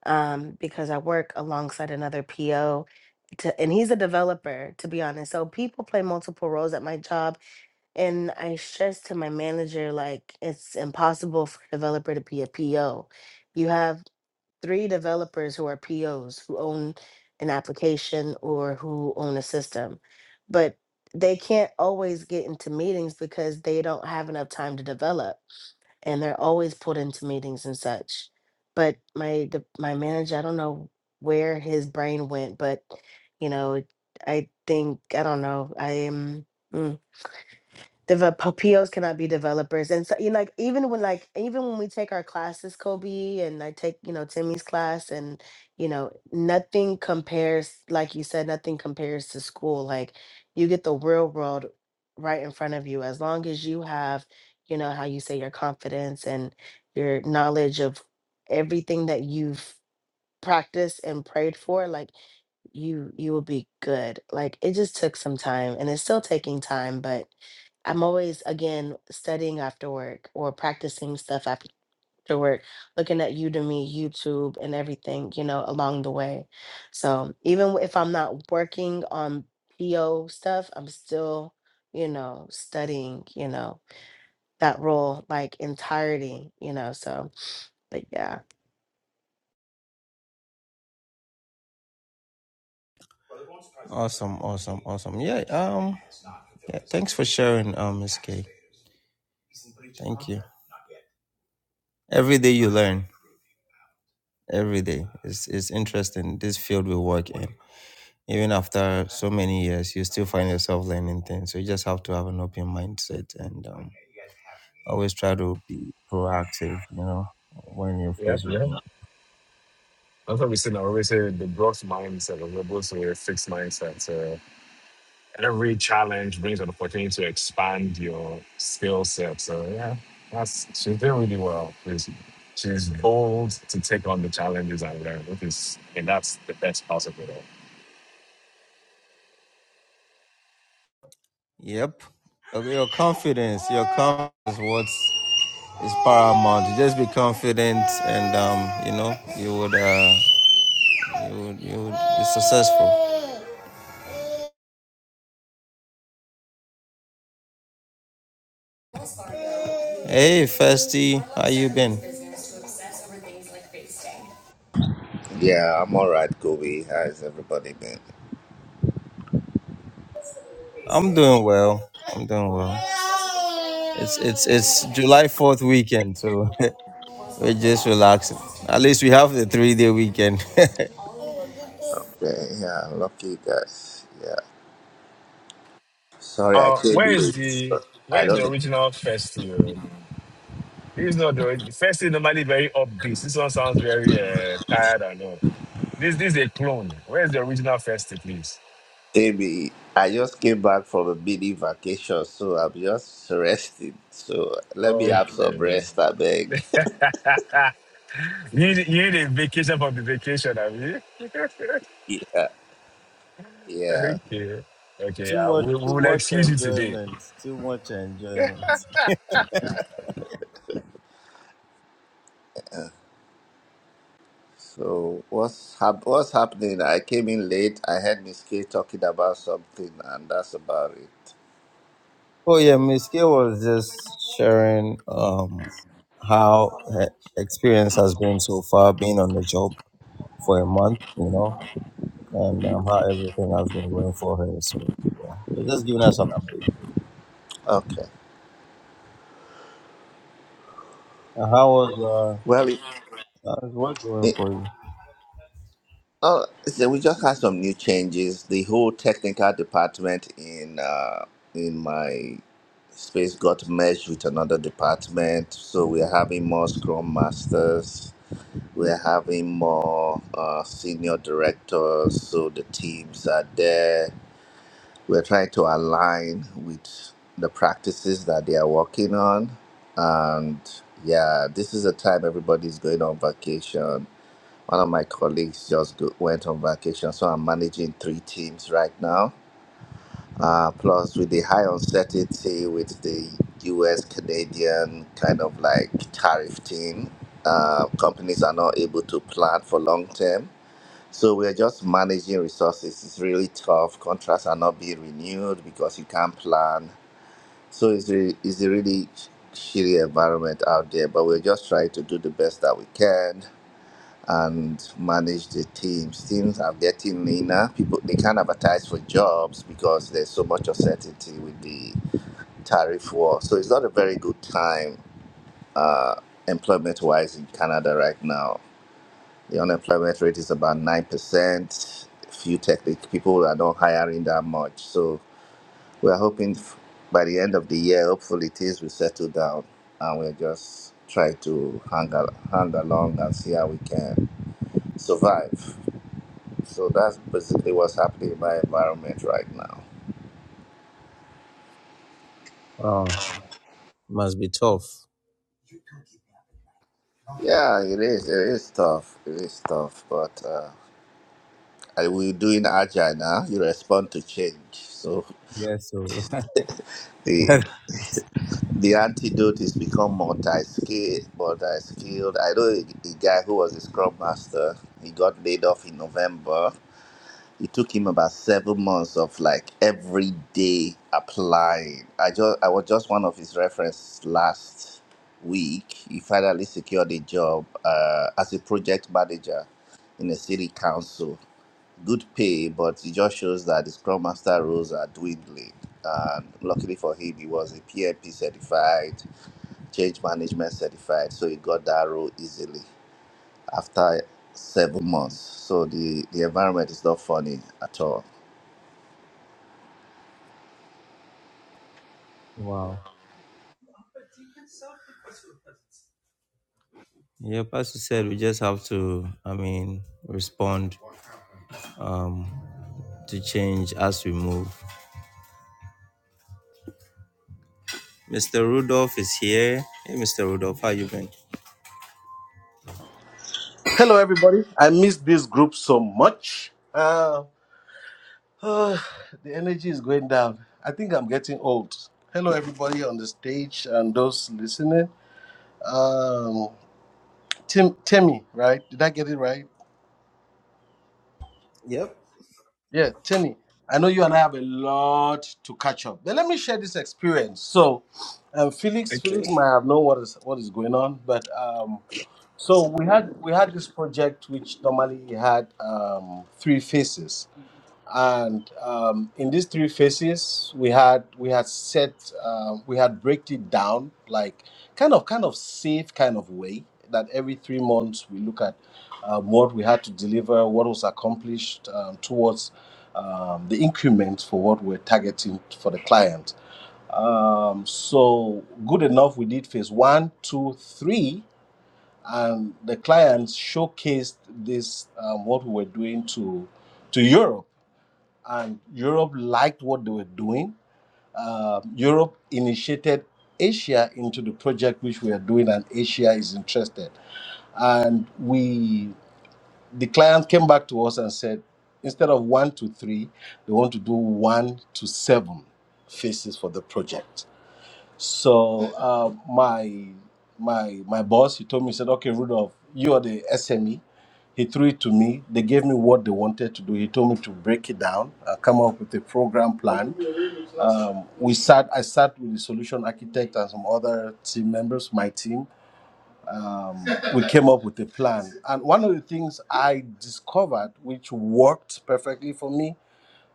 um, because I work alongside another PO. To, and he's a developer, to be honest. So people play multiple roles at my job. And I stress to my manager, like, it's impossible for a developer to be a PO. You have three developers who are POs who own an application or who own a system, but they can't always get into meetings because they don't have enough time to develop and they're always pulled into meetings and such. But my de- my manager, I don't know where his brain went, but you know, I think I don't know. I am. mm, Develop POs cannot be developers, and so you know, like even when like even when we take our classes, Kobe, and I take you know Timmy's class, and you know nothing compares, like you said, nothing compares to school. Like you get the real world right in front of you. As long as you have, you know, how you say your confidence and your knowledge of everything that you've practiced and prayed for, like you you will be good. Like it just took some time and it's still taking time, but I'm always again studying after work or practicing stuff after work, looking at Udemy, YouTube, and everything, you know, along the way. So even if I'm not working on PO stuff, I'm still, you know, studying, you know, that role like entirety, you know. So, but yeah.
Awesome, awesome, awesome. Yeah. Um. Yeah. Thanks for sharing, um, Miss K. Thank you. Every day you learn. Every day. It's it's interesting. This field we work in. Even after so many years, you still find yourself learning things. So you just have to have an open mindset and um, always try to be proactive, you know, when you're
Yeah,
faced
yeah.
with it.
That's what we say now. We always say the Bronx mindset, or we're both a fixed mindset. every challenge brings an opportunity to expand your skill set. So yeah, that's she's doing really well. She's, she's bold to take on the challenges and learn, which is and that's the best part of it all.
Yep. Okay, your confidence, your confidence is what is paramount. You just be confident and, um, you know, you would, uh, you would, you would be successful. Hey, Festy, how you been?
Yeah, I'm alright, Kobe. How's everybody been?
I'm doing well. I'm doing well. It's, it's, it's July 4th weekend, so *laughs* We're just relaxing. At least we have the three day weekend. *laughs*
Okay, yeah, lucky guys. Yeah. Sorry I
Uh,
came
where is
late. So
the where
I
is
don't
the
know.
original festival? This is not the ori- festival. Normally very upbeat. This one sounds very uh, tired and all. This this is a clone. Where is the original festival, please?
Maybe I just came back from a mini vacation, so I'm just resting. So let me have some
Okay.
rest, I beg.
*laughs* you need, you need a vacation from the vacation, have you? *laughs*
Yeah. Yeah.
Okay. Okay.
Too
Uh,
much,
we, we
too
will
much
excuse you today.
enjoyment. Too much enjoyment.
So what's hap- what's happening? I came in late. I heard Miss K talking about something, and that's about it.
oh yeah, Miss K was just sharing um how her experience has been so far being on the job for a month, you know, and um, how everything has been going for her. So yeah, she's just giving us an update.
Okay.
Uh, How was
Well,
uh how's work going
it,
for you?
Oh, so we just had some new changes. The whole technical department in uh, in my space got merged with another department. So we're having more Scrum Masters. We're having more uh, senior directors. So the teams are there. We're trying to align with the practices that they are working on, and yeah, this is a time everybody's going on vacation one of my colleagues just go, went on vacation, so I'm managing three teams right now. Uh, plus, with the high uncertainty with the US Canadian kind of like tariff thing, uh, companies are not able to plan for long term. So we're just managing resources. It's really tough. Contracts are not being renewed because you can't plan. So it's, re- it's a really shitty environment out there, but we're just trying to do the best that we can and manage the teams. Teams are getting leaner. People they can't advertise for jobs because there's so much uncertainty with the tariff war. So it's not a very good time uh, employment-wise in Canada right now. The unemployment rate is about nine percent. Few technical people are not hiring that much. So we're hoping f- by the end of the year, hopefully things will settle down, and we'll just try to hang, al- hang along and see how we can survive. So that's basically what's happening in my environment right now.
Oh, must be tough.
Yeah, it is. It is tough. It is tough. But uh, I, we're doing agile now. You respond to change. So
Yes. so *laughs*
*laughs* the the antidote is become multi-skilled. Multi-skilled. I know a, a guy who was a scrum master. He got laid off in November. it took him about seven months of like every day applying. I just I was just one of his reference last week. He finally secured a job uh, as a project manager in a city council. Good pay, but it just shows that the scrum master roles are dwindling. And luckily for him, he was a PMP certified, change management certified, so he got that role easily after seven months. So the, the environment is not funny at all.
wow. Yeah, Pastor said we just have to, I mean, respond um, to change as we move. Mr. Rudolph is here. Hey, Mr. Rudolph, how you been?
Hello, everybody. I miss this group so much. Uh, *sighs* uh, the energy is going down. I think I'm getting old. Hello, everybody on the stage and those listening. Um, Tim, Timmy, right? Did I get it right?
Yep.
Yeah, Timmy. I know you and I have a lot to catch up, but let me share this experience. So, um, Felix, Felix
Okay.
might have known what is what is going on, but um, so we had we had this project which normally had um, three phases. and um, in these three phases we had we had set uh, we had break it down like kind of kind of safe kind of way that every three months we look at um, what we had to deliver what was accomplished um, towards um, the increment for what we're targeting for the client um, so good enough we did phase one two three and the clients showcased this um, what we were doing to to europe and Europe liked what they were doing. Uh, Europe initiated Asia into the project which we are doing, and Asia is interested. And we, the client came back to us and said, instead of one to three, they want to do one to seven phases for the project so uh, my my my boss, he told me, he said, okay, Rudolph, you are the SME. He threw it to me. They gave me what they wanted to do. He told me to break it down, uh, come up with a program plan. Um, we sat. I sat with the solution architect and some other team members, my team. Um, we came up with a plan. And one of the things I discovered, which worked perfectly for me,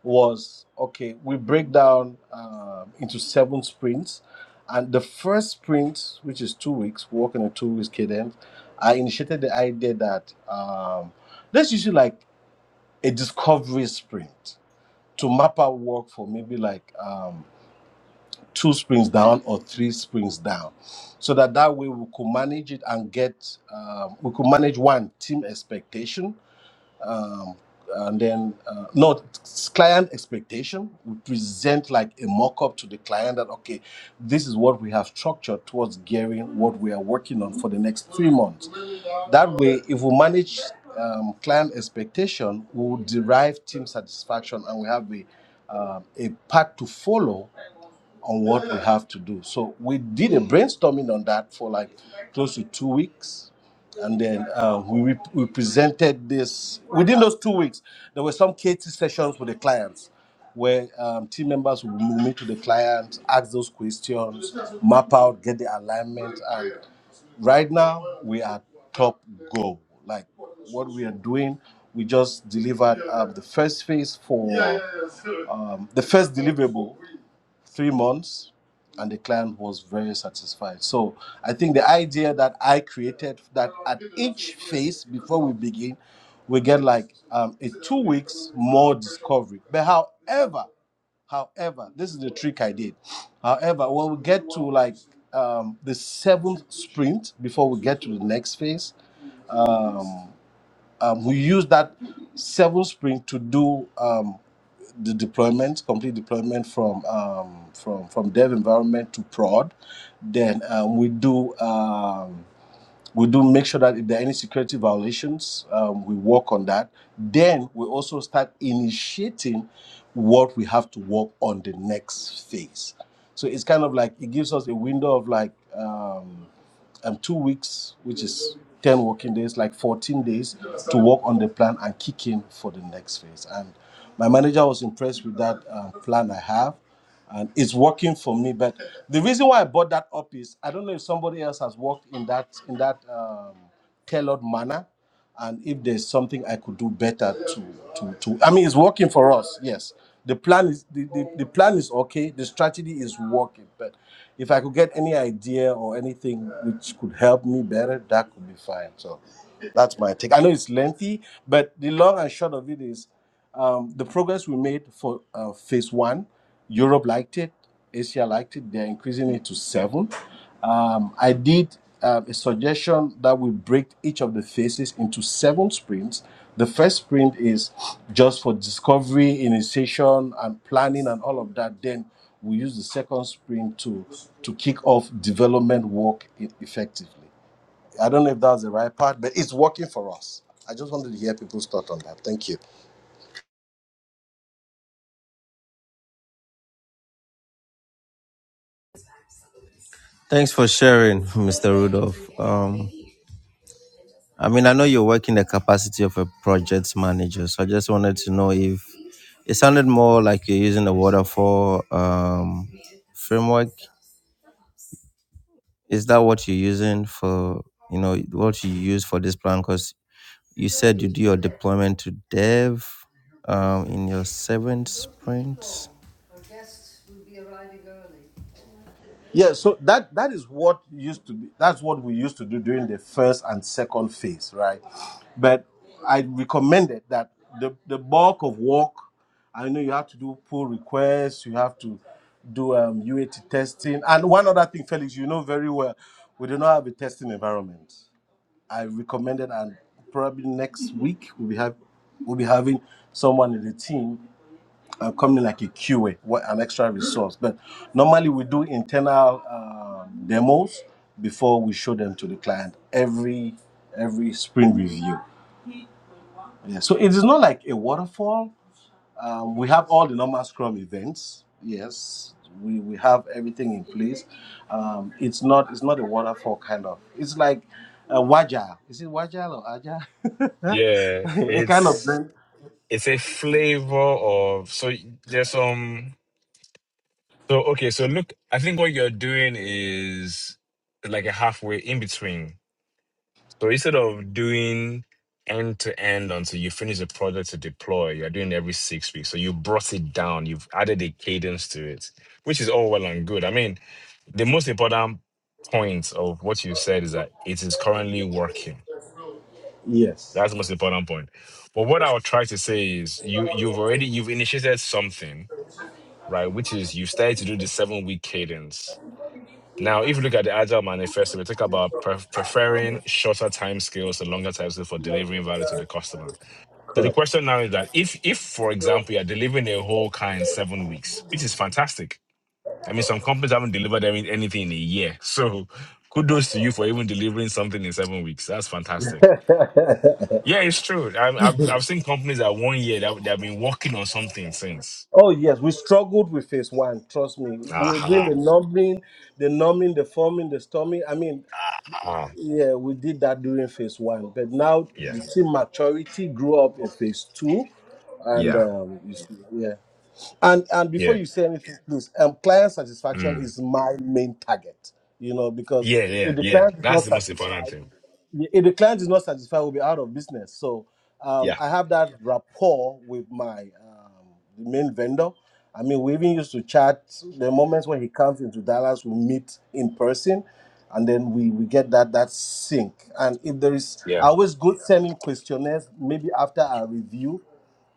was okay, we break down um, into seven sprints. And the first sprint, which is two weeks, we work in a two weeks cadence, I initiated the idea that um, let's use it like a discovery sprint to map out work for maybe like um, two sprints down or three sprints down. So that that way we could manage it and get, um, we could manage one team expectation um, and then uh, no client expectation we present like a mock-up to the client that okay this is what we have structured towards gearing what we are working on for the next three months that way if we manage um, client expectation we will derive team satisfaction and we have a, um a path to follow on what we have to do. So we did a brainstorming on that for like close to two weeks. And then uh, we, re- we presented this within those two weeks. There were some KT sessions with the clients where um, team members would meet with the clients, ask those questions, map out, get the alignment. And right now, we are top goal. Like what we are doing, we just delivered um, the first phase for um, the first deliverable three months and the client was very satisfied so i think the idea that i created that at each phase before we begin we get like um, a two weeks more discovery but however however this is the trick i did however when we get to like um, the seventh sprint before we get to the next phase um, who used that seven spring to do um, the deployment, complete deployment from um, from from dev environment to prod. Then um, we do um, we do make sure that if there are any security violations, um, we work on that. Then we also start initiating what we have to work on the next phase. So it's kind of like it gives us a window of like. Um, um, two weeks, which is 10 working days, like 14 days to work on the plan and kick in for the next phase. And my manager was impressed with that um, plan I have. And it's working for me, but the reason why I brought that up is I don't know if somebody else has worked in that in that um, tailored manner and if there's something i could do better to to, to i mean it's working for us yes the plan is the, the, the plan is okay the strategy is working but if i could get any idea or anything which could help me better that could be fine so that's my take i know it's lengthy but the long and short of it is um, the progress we made for uh, phase one, Europe liked it, Asia liked it. They're increasing it to seven. Um, I did uh, a suggestion that we break each of the phases into seven sprints. The first sprint is just for discovery, initiation, and planning, and all of that. Then we use the second sprint to to kick off development work e- effectively. I don't know if that's the right part, but it's working for us. I just wanted to hear people's thought on that. Thank you.
Thanks for sharing, Mr. Rudolph. Um, I mean, I know you work in the capacity of a project manager, so I just wanted to know if it sounded more like you're using the waterfall um, framework. Is that what you're using for? You know what you use for this plan? Because You said you do your deployment to dev um, in your seventh sprint.
Yeah, so that that is what used to be that's what we used to do during the first and second phase, right? But I recommended that the, the bulk of work, I know you have to do pull requests, you have to do um, UAT testing. And one other thing, Felix, you know very well, we do not have a testing environment. I recommended and probably next week we'll be have we'll be having someone in the team uh, coming like a QA, what an extra resource. But normally we do internal uh, demos before we show them to the client every every sprint review. Yeah, so it is not like a waterfall. Um, we have all the normal Scrum events. Yes, we, we have everything in place. Um, it's not it's not a waterfall kind of. It's like a Wagile. Is it Wagile or Agile? *laughs*
Yeah.
a kind of
It's
blend.
it's a flavor of so there's some so okay, so look I think what you're doing is like a halfway in between. So instead of doing end to end until you finish the project to deploy, you're doing every six weeks. So you brought it down, you've added a cadence to it, which is all well and good. I mean, the most important point of what you said is that it is currently working
Yes,
That's the most important point. But what I would try to say is you you've already you've initiated something, right? Which is you've started to do the seven week cadence. Now, if you look at the Agile Manifesto, we talk about pre- preferring shorter time scales to longer time scales for delivering value to the customer. So the
correct.
question now is that if if for example you're delivering a whole car in seven weeks, which is fantastic. I mean, some companies haven't delivered any- anything in a year. So *laughs* kudos to you for even delivering something in seven weeks. That's fantastic
*laughs*
yeah, it's true. I've I've, I've seen companies that one year that they've been working on something since.
Oh yes, we struggled with phase one. Trust me, we were doing
Aha,
the numbing, the numbing, the forming, the storming. I mean,
aha.
yeah, we did that during phase one. But now
Yeah,
the team maturity grew up in phase two, and
yeah,
um, you see, yeah. And and before
yeah.
you say anything, please, um, client satisfaction
Mm.
is my main target. You know, because
Yeah,
if
yeah,
the
yeah.
client is not
That's the most important
satisfied,
thing.
if the client is not satisfied, we'll be out of business. So um,
Yeah,
I have that rapport with my um, the main vendor. I mean, we even used to chat. The moments when he comes into Dallas, we meet in person, and then we we get that that sync. And if there is,
yeah.
I always go send him questionnaires maybe after our review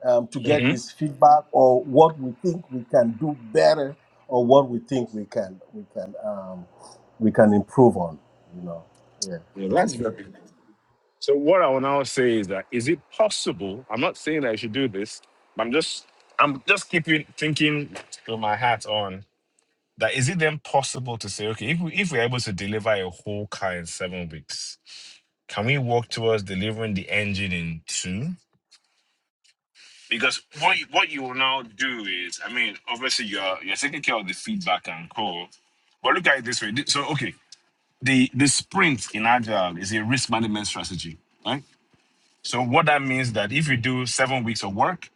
um, to get
hmm
his feedback or what we think we can do better or what we think we can we can um, we can improve on. You know, yeah.
Yeah,
So.
that's very. So what I will now say is that is it possible? I'm not saying that you should do this. But I'm just I'm just keeping thinking with my hat on that is it then possible to say okay if we if we're able to deliver a whole car in seven weeks can we work towards delivering the engine in two Because what you, what you will now do is, I mean, obviously you're you're taking care of the feedback and call, but look at it this way. Th- So okay, the the sprint in agile is a risk management strategy, right? So what that means that if you do seven weeks of work,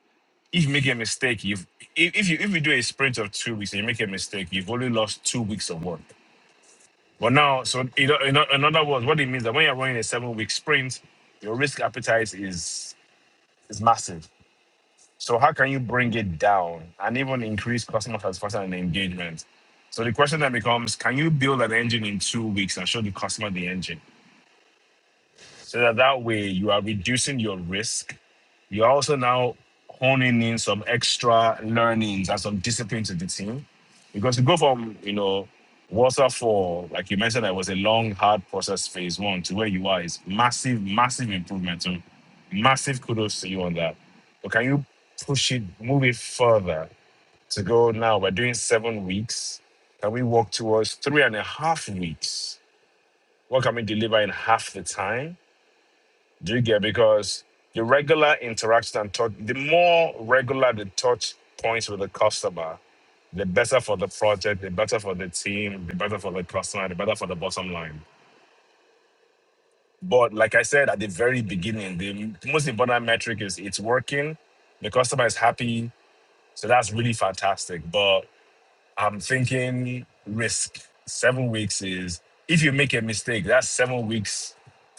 if you make a mistake, you've if if you if you do a sprint of two weeks and you make a mistake, you've only lost two weeks of work. But now, so in, o- in, o- in other words, what it means that when you're running a seven week sprint, your risk appetite is is massive So how can you bring it down and even increase customer satisfaction and engagement? So the question then becomes, can you build an engine in two weeks and show the customer the engine? So that that way you are reducing your risk you're also now honing in some extra learnings and some discipline to the team because you go from, you know, waterfall, like you mentioned, that was a long, hard process phase one to where you are is massive, massive improvement. So massive kudos to you on that. But can you push it, move it further to go now? We're doing seven weeks. Can we work towards three and a half weeks? What can we deliver in half the time? Do you get? Because the regular interaction and touch, the more regular the touch points with the customer, the better for the project, the better for the team, the better for the customer, the better for the bottom line. But like I said at the very beginning, the most important metric is it's working, the customer is happy. So that's really fantastic. But I'm thinking risk. Seven weeks is if you make a mistake, that's seven weeks.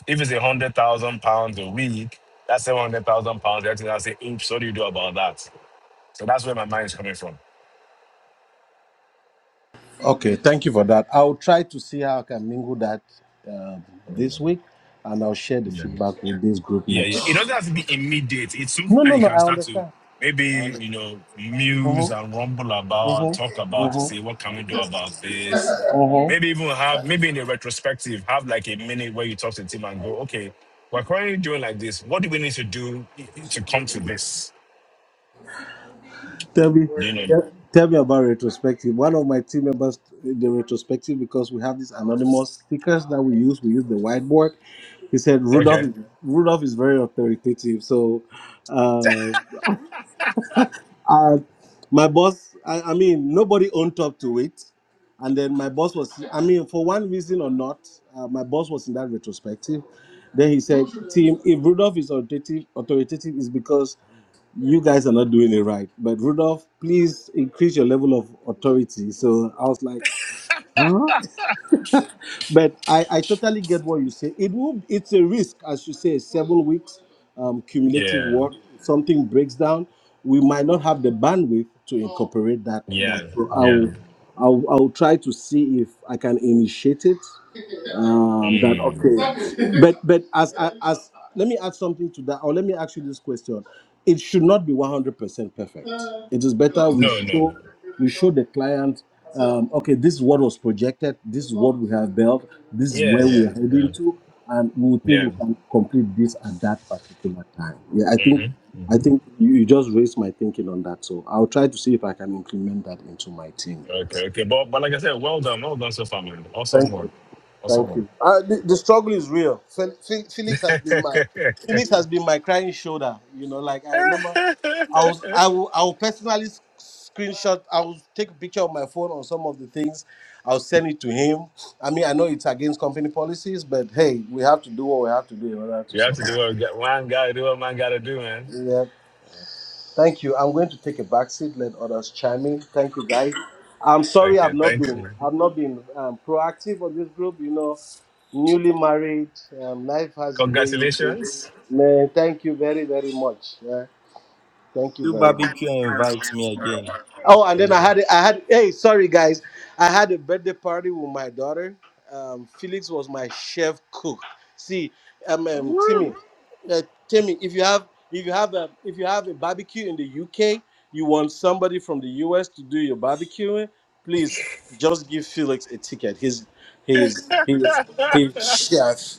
If it's a hundred thousand pounds a week, that's seven hundred thousand pounds. Everything I say, oops, what do you do about that? So that's where my mind is coming from.
Okay, thank you for that. I'll try to see how I can mingle that um,
Mm,
this week, and I'll share the
yeah.
feedback with this group
Yeah,
next
yeah. It doesn't
week.
have to be immediate. It's something
No,
that
no,
you
no.
can
I
start to
understand. I
maybe,
understand.
you know,
Uh-huh.
muse and rumble about, talk about to see what can we do about this.
uh-huh.
Maybe even have maybe in a retrospective, have like a minute where you talk to the team and go, okay, we're currently doing like this. What do we need to do to come to this?
Tell me,
You know.
tell, tell me about retrospective. One of my team members did the retrospective because we have these anonymous stickers that we use. We use the whiteboard. He said Rudolph.
Okay.
Rudolph is very authoritative, so. Uh, Uh, my boss, I, I mean, nobody owned up to it. And then my boss was, I mean, for one reason or not, uh, my boss was in that retrospective. Then he said, Tim, if Rudolph is authoritative, authoritative is because you guys are not doing it right. But Rudolph, please increase your level of authority. So I was like, but I, I totally get what you say. It will it's a risk, as you say, several weeks, um, cumulative
Yeah.
work. Something breaks down, we might not have the bandwidth to incorporate that. That
Yeah.
so
Yeah.
I'll I'll I'll try to see if I can initiate it um, that
Mm.
okay, but but as as let me add something to that, or let me ask you this question: It should not be one hundred percent perfect. It is better we
No, no.
show we show the client, um, okay, this is what was projected, this is what we have built, this is
Yeah,
where we
yeah,
are
yeah.
heading to, and we think we
Yeah.
can complete this at that particular time. Yeah, I think
hmm
I think you, you just raised my thinking on that, so I'll try to see if I can implement that into my team.
Okay, okay. But but like I said, well done, well done so far, man. Awesome
Thank
work.
you.
Awesome
Thank
work.
you. Uh, the, the struggle is real. Fel- Fe- Felix has
*laughs*
been my Felix has been my crying shoulder. You know, like I remember, I was I will I will personally s- screenshot. I will take a picture of my phone on some of the things. I'll send it to him. I mean, I know it's against company policies, but hey, we have to do what we have to do in order to
yeah,
survive.
man gotta do what man gotta do, man.
Yeah. Thank you. I'm going to take a back seat, let others chime in. Thank you, guys. I'm sorry
Okay,
I've not
thank
been
you.
I've not been um, proactive on this group. You know, newly married, um, life has a way. you do.
Congratulations.
Man, thank you very very much. Yeah, thank you
Do
very much.
barbecue and invite me again, Mr.
Oh, and then I
Riddle.
had I had hey, sorry guys, I had a birthday party with my daughter. Um, Felix was my chef cook. See, um, um Timmy,
Woo!
uh, Timmy, if you have if you have a if you have a barbecue in the UK, you want somebody from the US to do your barbecuing, please just give Felix a ticket. He's he's he's he's
*laughs*
chef.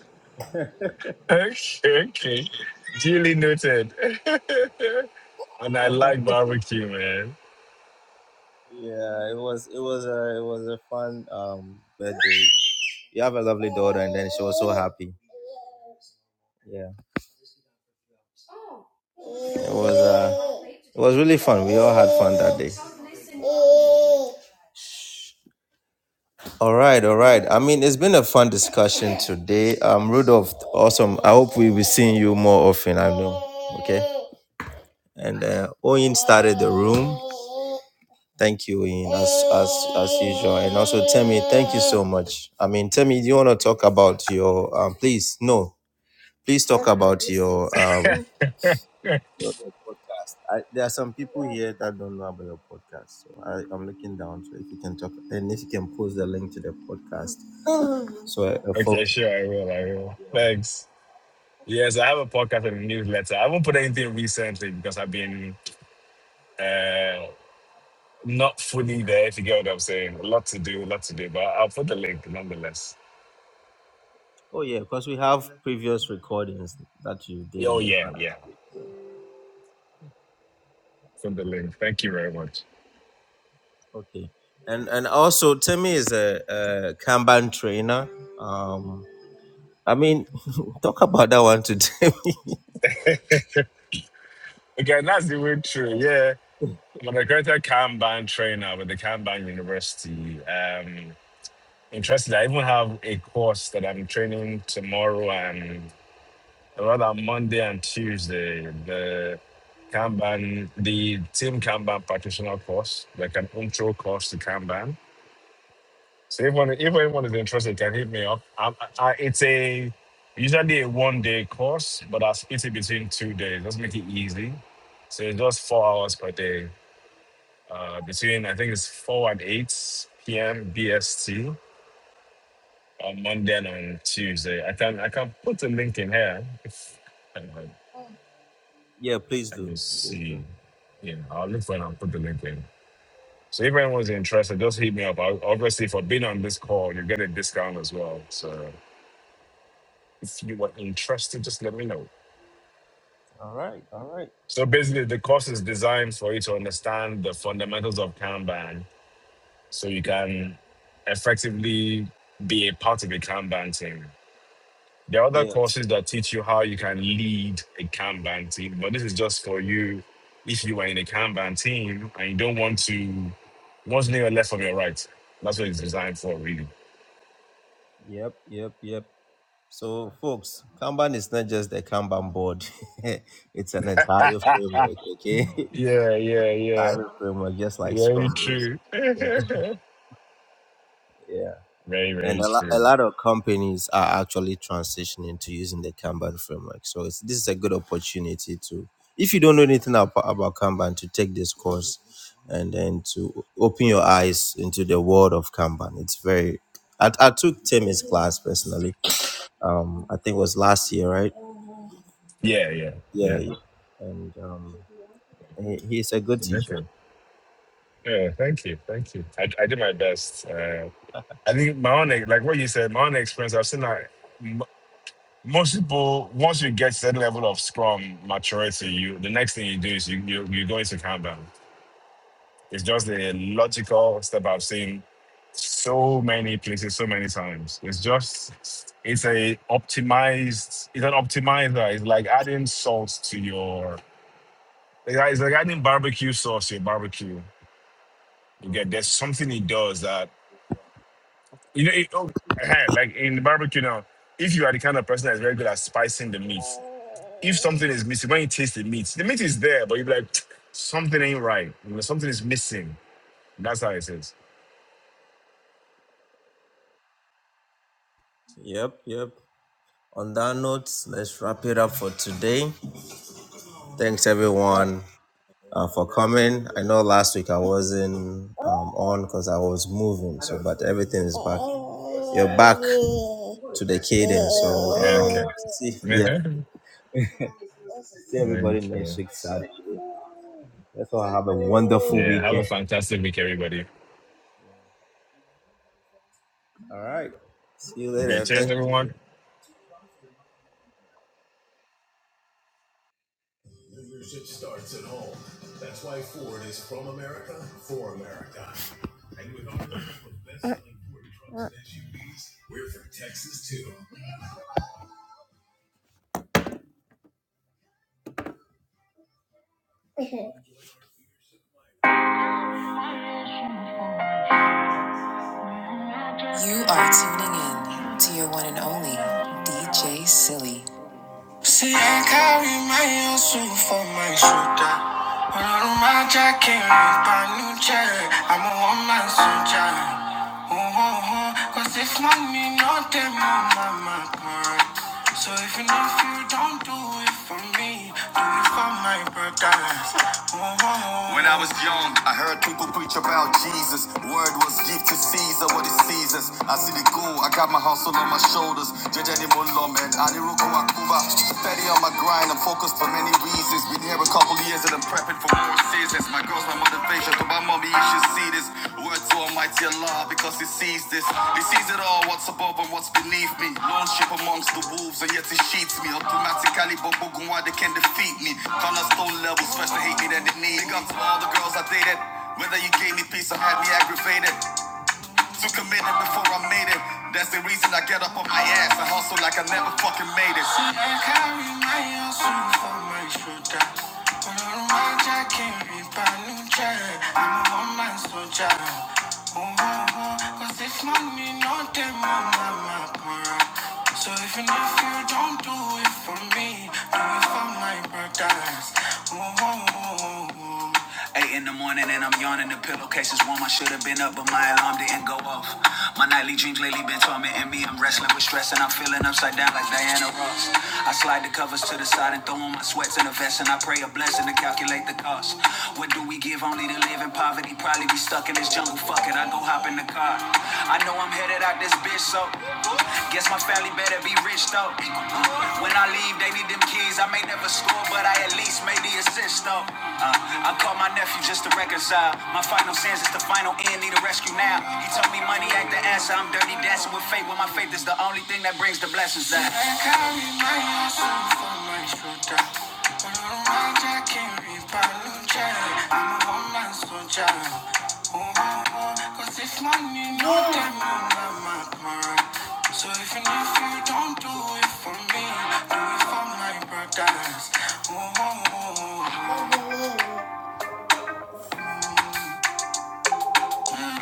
okay, okay. Duly noted. *laughs* and I like barbecue, man.
Yeah, it was it was a it was a fun um birthday. You have a lovely daughter, and then she was so happy. Yeah, it was uh it was really fun. We all had fun that day. All right, all right. I mean, it's been a fun discussion today. Um, Rudolph, awesome. I hope we'll be seeing you more often. I know. Okay. And uh, Oyin started the room. Thank you, Ian, as, as, as usual. And also, Temi, thank you so much. I mean, Temi, do you want to talk about your, um, please, no, please talk about your, um, your, your podcast. I, there are some people here that don't know about your podcast. So I, I'm looking down. So if you can talk, and if you can post the link to the podcast. So, uh,
Okay,
folks.
sure, I will, I will. Thanks. Yes, I have a podcast and a newsletter. I haven't put anything recently because I've been uh, not fully there, if you get what I'm saying. A lot to do, a lot to do, but I'll put the link nonetheless.
Oh, yeah, because we have previous recordings that you did
Oh,
in the
yeah,
past.
yeah. Put the link. Thank you very much.
Okay. And, and also, Timmy is a, a Kanban trainer. Um, I mean, *laughs* talk about that one today.
*laughs* okay, that's the way through. Yeah. I'm an accredited Kanban trainer with the Kanban University. Um, interested. I even have a course that I'm training tomorrow and rather Monday and Tuesday. The Kanban, the Team Kanban practitioner course, like an intro course to Kanban So if one if anyone is interested, can hit me up. Um, I, I, it's a usually a one day course, but I split it between two days. Let's make it easy. So it's just four hours per day. Uh, between I think it's four and eight p.m. BST on Monday and on Tuesday. I can I can put the link in here. If, uh,
*laughs* yeah, please
let
do.
me
Please
see.
do.
Yeah, I'll look for it and put the link in. So if anyone's interested, just hit me up. I, obviously, for being on this call, you get a discount as well. So. If you are interested, just let me know. So basically, the course is designed for you to understand the fundamentals of Kanban so you can effectively be a part of a Kanban team. There are other courses that teach you how you can lead a Kanban team, but this is just for you if you are in a Kanban team and you don't want to, you want to know your left from your right. That's what it's designed for, really.
Yep, yep, yep. So, folks, Kanban is not just a Kanban board. *laughs* it's an entire framework, okay? *laughs*
Yeah, yeah, yeah.
Entire framework, just like Scrum
Very
is.
true.
yeah.
*laughs* very,
And a,
very
lo- a
true.
lot of companies are actually transitioning to using the Kanban framework. So, it's, this is a good opportunity to, if you don't know anything about, about Kanban, to take this course and then to open your eyes into the world of Kanban. Very Um, I think it was last year, right?
Yeah, yeah,
Yeah,
yeah.
and um, he, he's a good teacher.
Amazing. Yeah, thank you. Thank you. I, I did my best. Uh, I think my own, e- like what you said, my own experience, I've seen that m- most people, once you get certain level of Scrum maturity, you the next thing you do is you, you, you go into Kanban. It's just a logical step I've seen so many places, so many times. It's just, it's a optimized, it's an optimizer. It's like adding salt to your, it's like it's like adding barbecue sauce to your barbecue. You get, there's something it does that You know, it, oh, eh, like in barbecue now, if you are the kind of person that's very good at spicing the meat, if something is missing, when you taste the meat, the meat is there, but you are like, *tsk* something ain't right. You know, something is missing. That's how it is.
Yep, yep. On that note, let's wrap it up for today. Thanks everyone uh, for coming. I know last week I wasn't um, on because I was moving, so but everything is back. You're back to the cadence.
Yeah,
So um,
okay.
see,
*laughs*
yeah, see everybody next
okay.
week Saturday. Let's all have a wonderful
Yeah, have
weekend.
a fantastic week, everybody. Okay, cheers, everyone.
Leadership starts at home. That's why Ford is from America for America. And with our lineup of best-selling Ford trucks and SUVs, we're from Texas too. And to your one and only DJ Silly. So if you're not I was young, I heard people preach about Jesus. Word was give to Caesar what is Caesar's. I see the goal, I got my hustle on my shoulders. Jeje ni mo lọ, man. Aniroko Akuba. Steady on my grind, I'm focused for many reasons. Been here a couple years and I'm prepping for more seasons. My girl's my motivation, to my mommy issues should see this. Word to Almighty Allah because He sees this. He sees it all, what's above and what's beneath me. Lone ship amongst the wolves and yet He sheets me. Automatically, but why they can defeat me. Connor stone levels, fresh to hate me than they need. Big up to all the girls I dated. Whether you gave me peace or had me aggravated. Just committed before I made it. That's the reason I get up on my ass and hustle like I never fucking made it. See, I carry my own suit for my shoulder. But on my jack can't be bad, no jack. I'm a one man soldier. Oh, oh, oh. Cause if money not them, oh, my para. So even if you don't do it for me, do it for my brothers. Oh, oh, oh. Let's go, and lean up. Uh, I'm My final sins is the final end, need a rescue now. He told me money act the ass, I'm dirty dancing with faith. When my faith is the only thing that brings the blessings out. Don't do it for me, do it for my brothers. Ooh,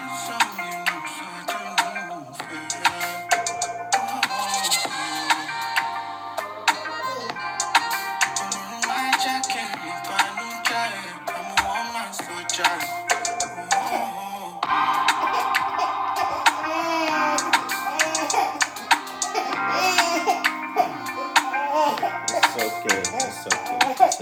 some you My jacket, me find no jacket. I'm a woman soldier. That's okay, that's okay.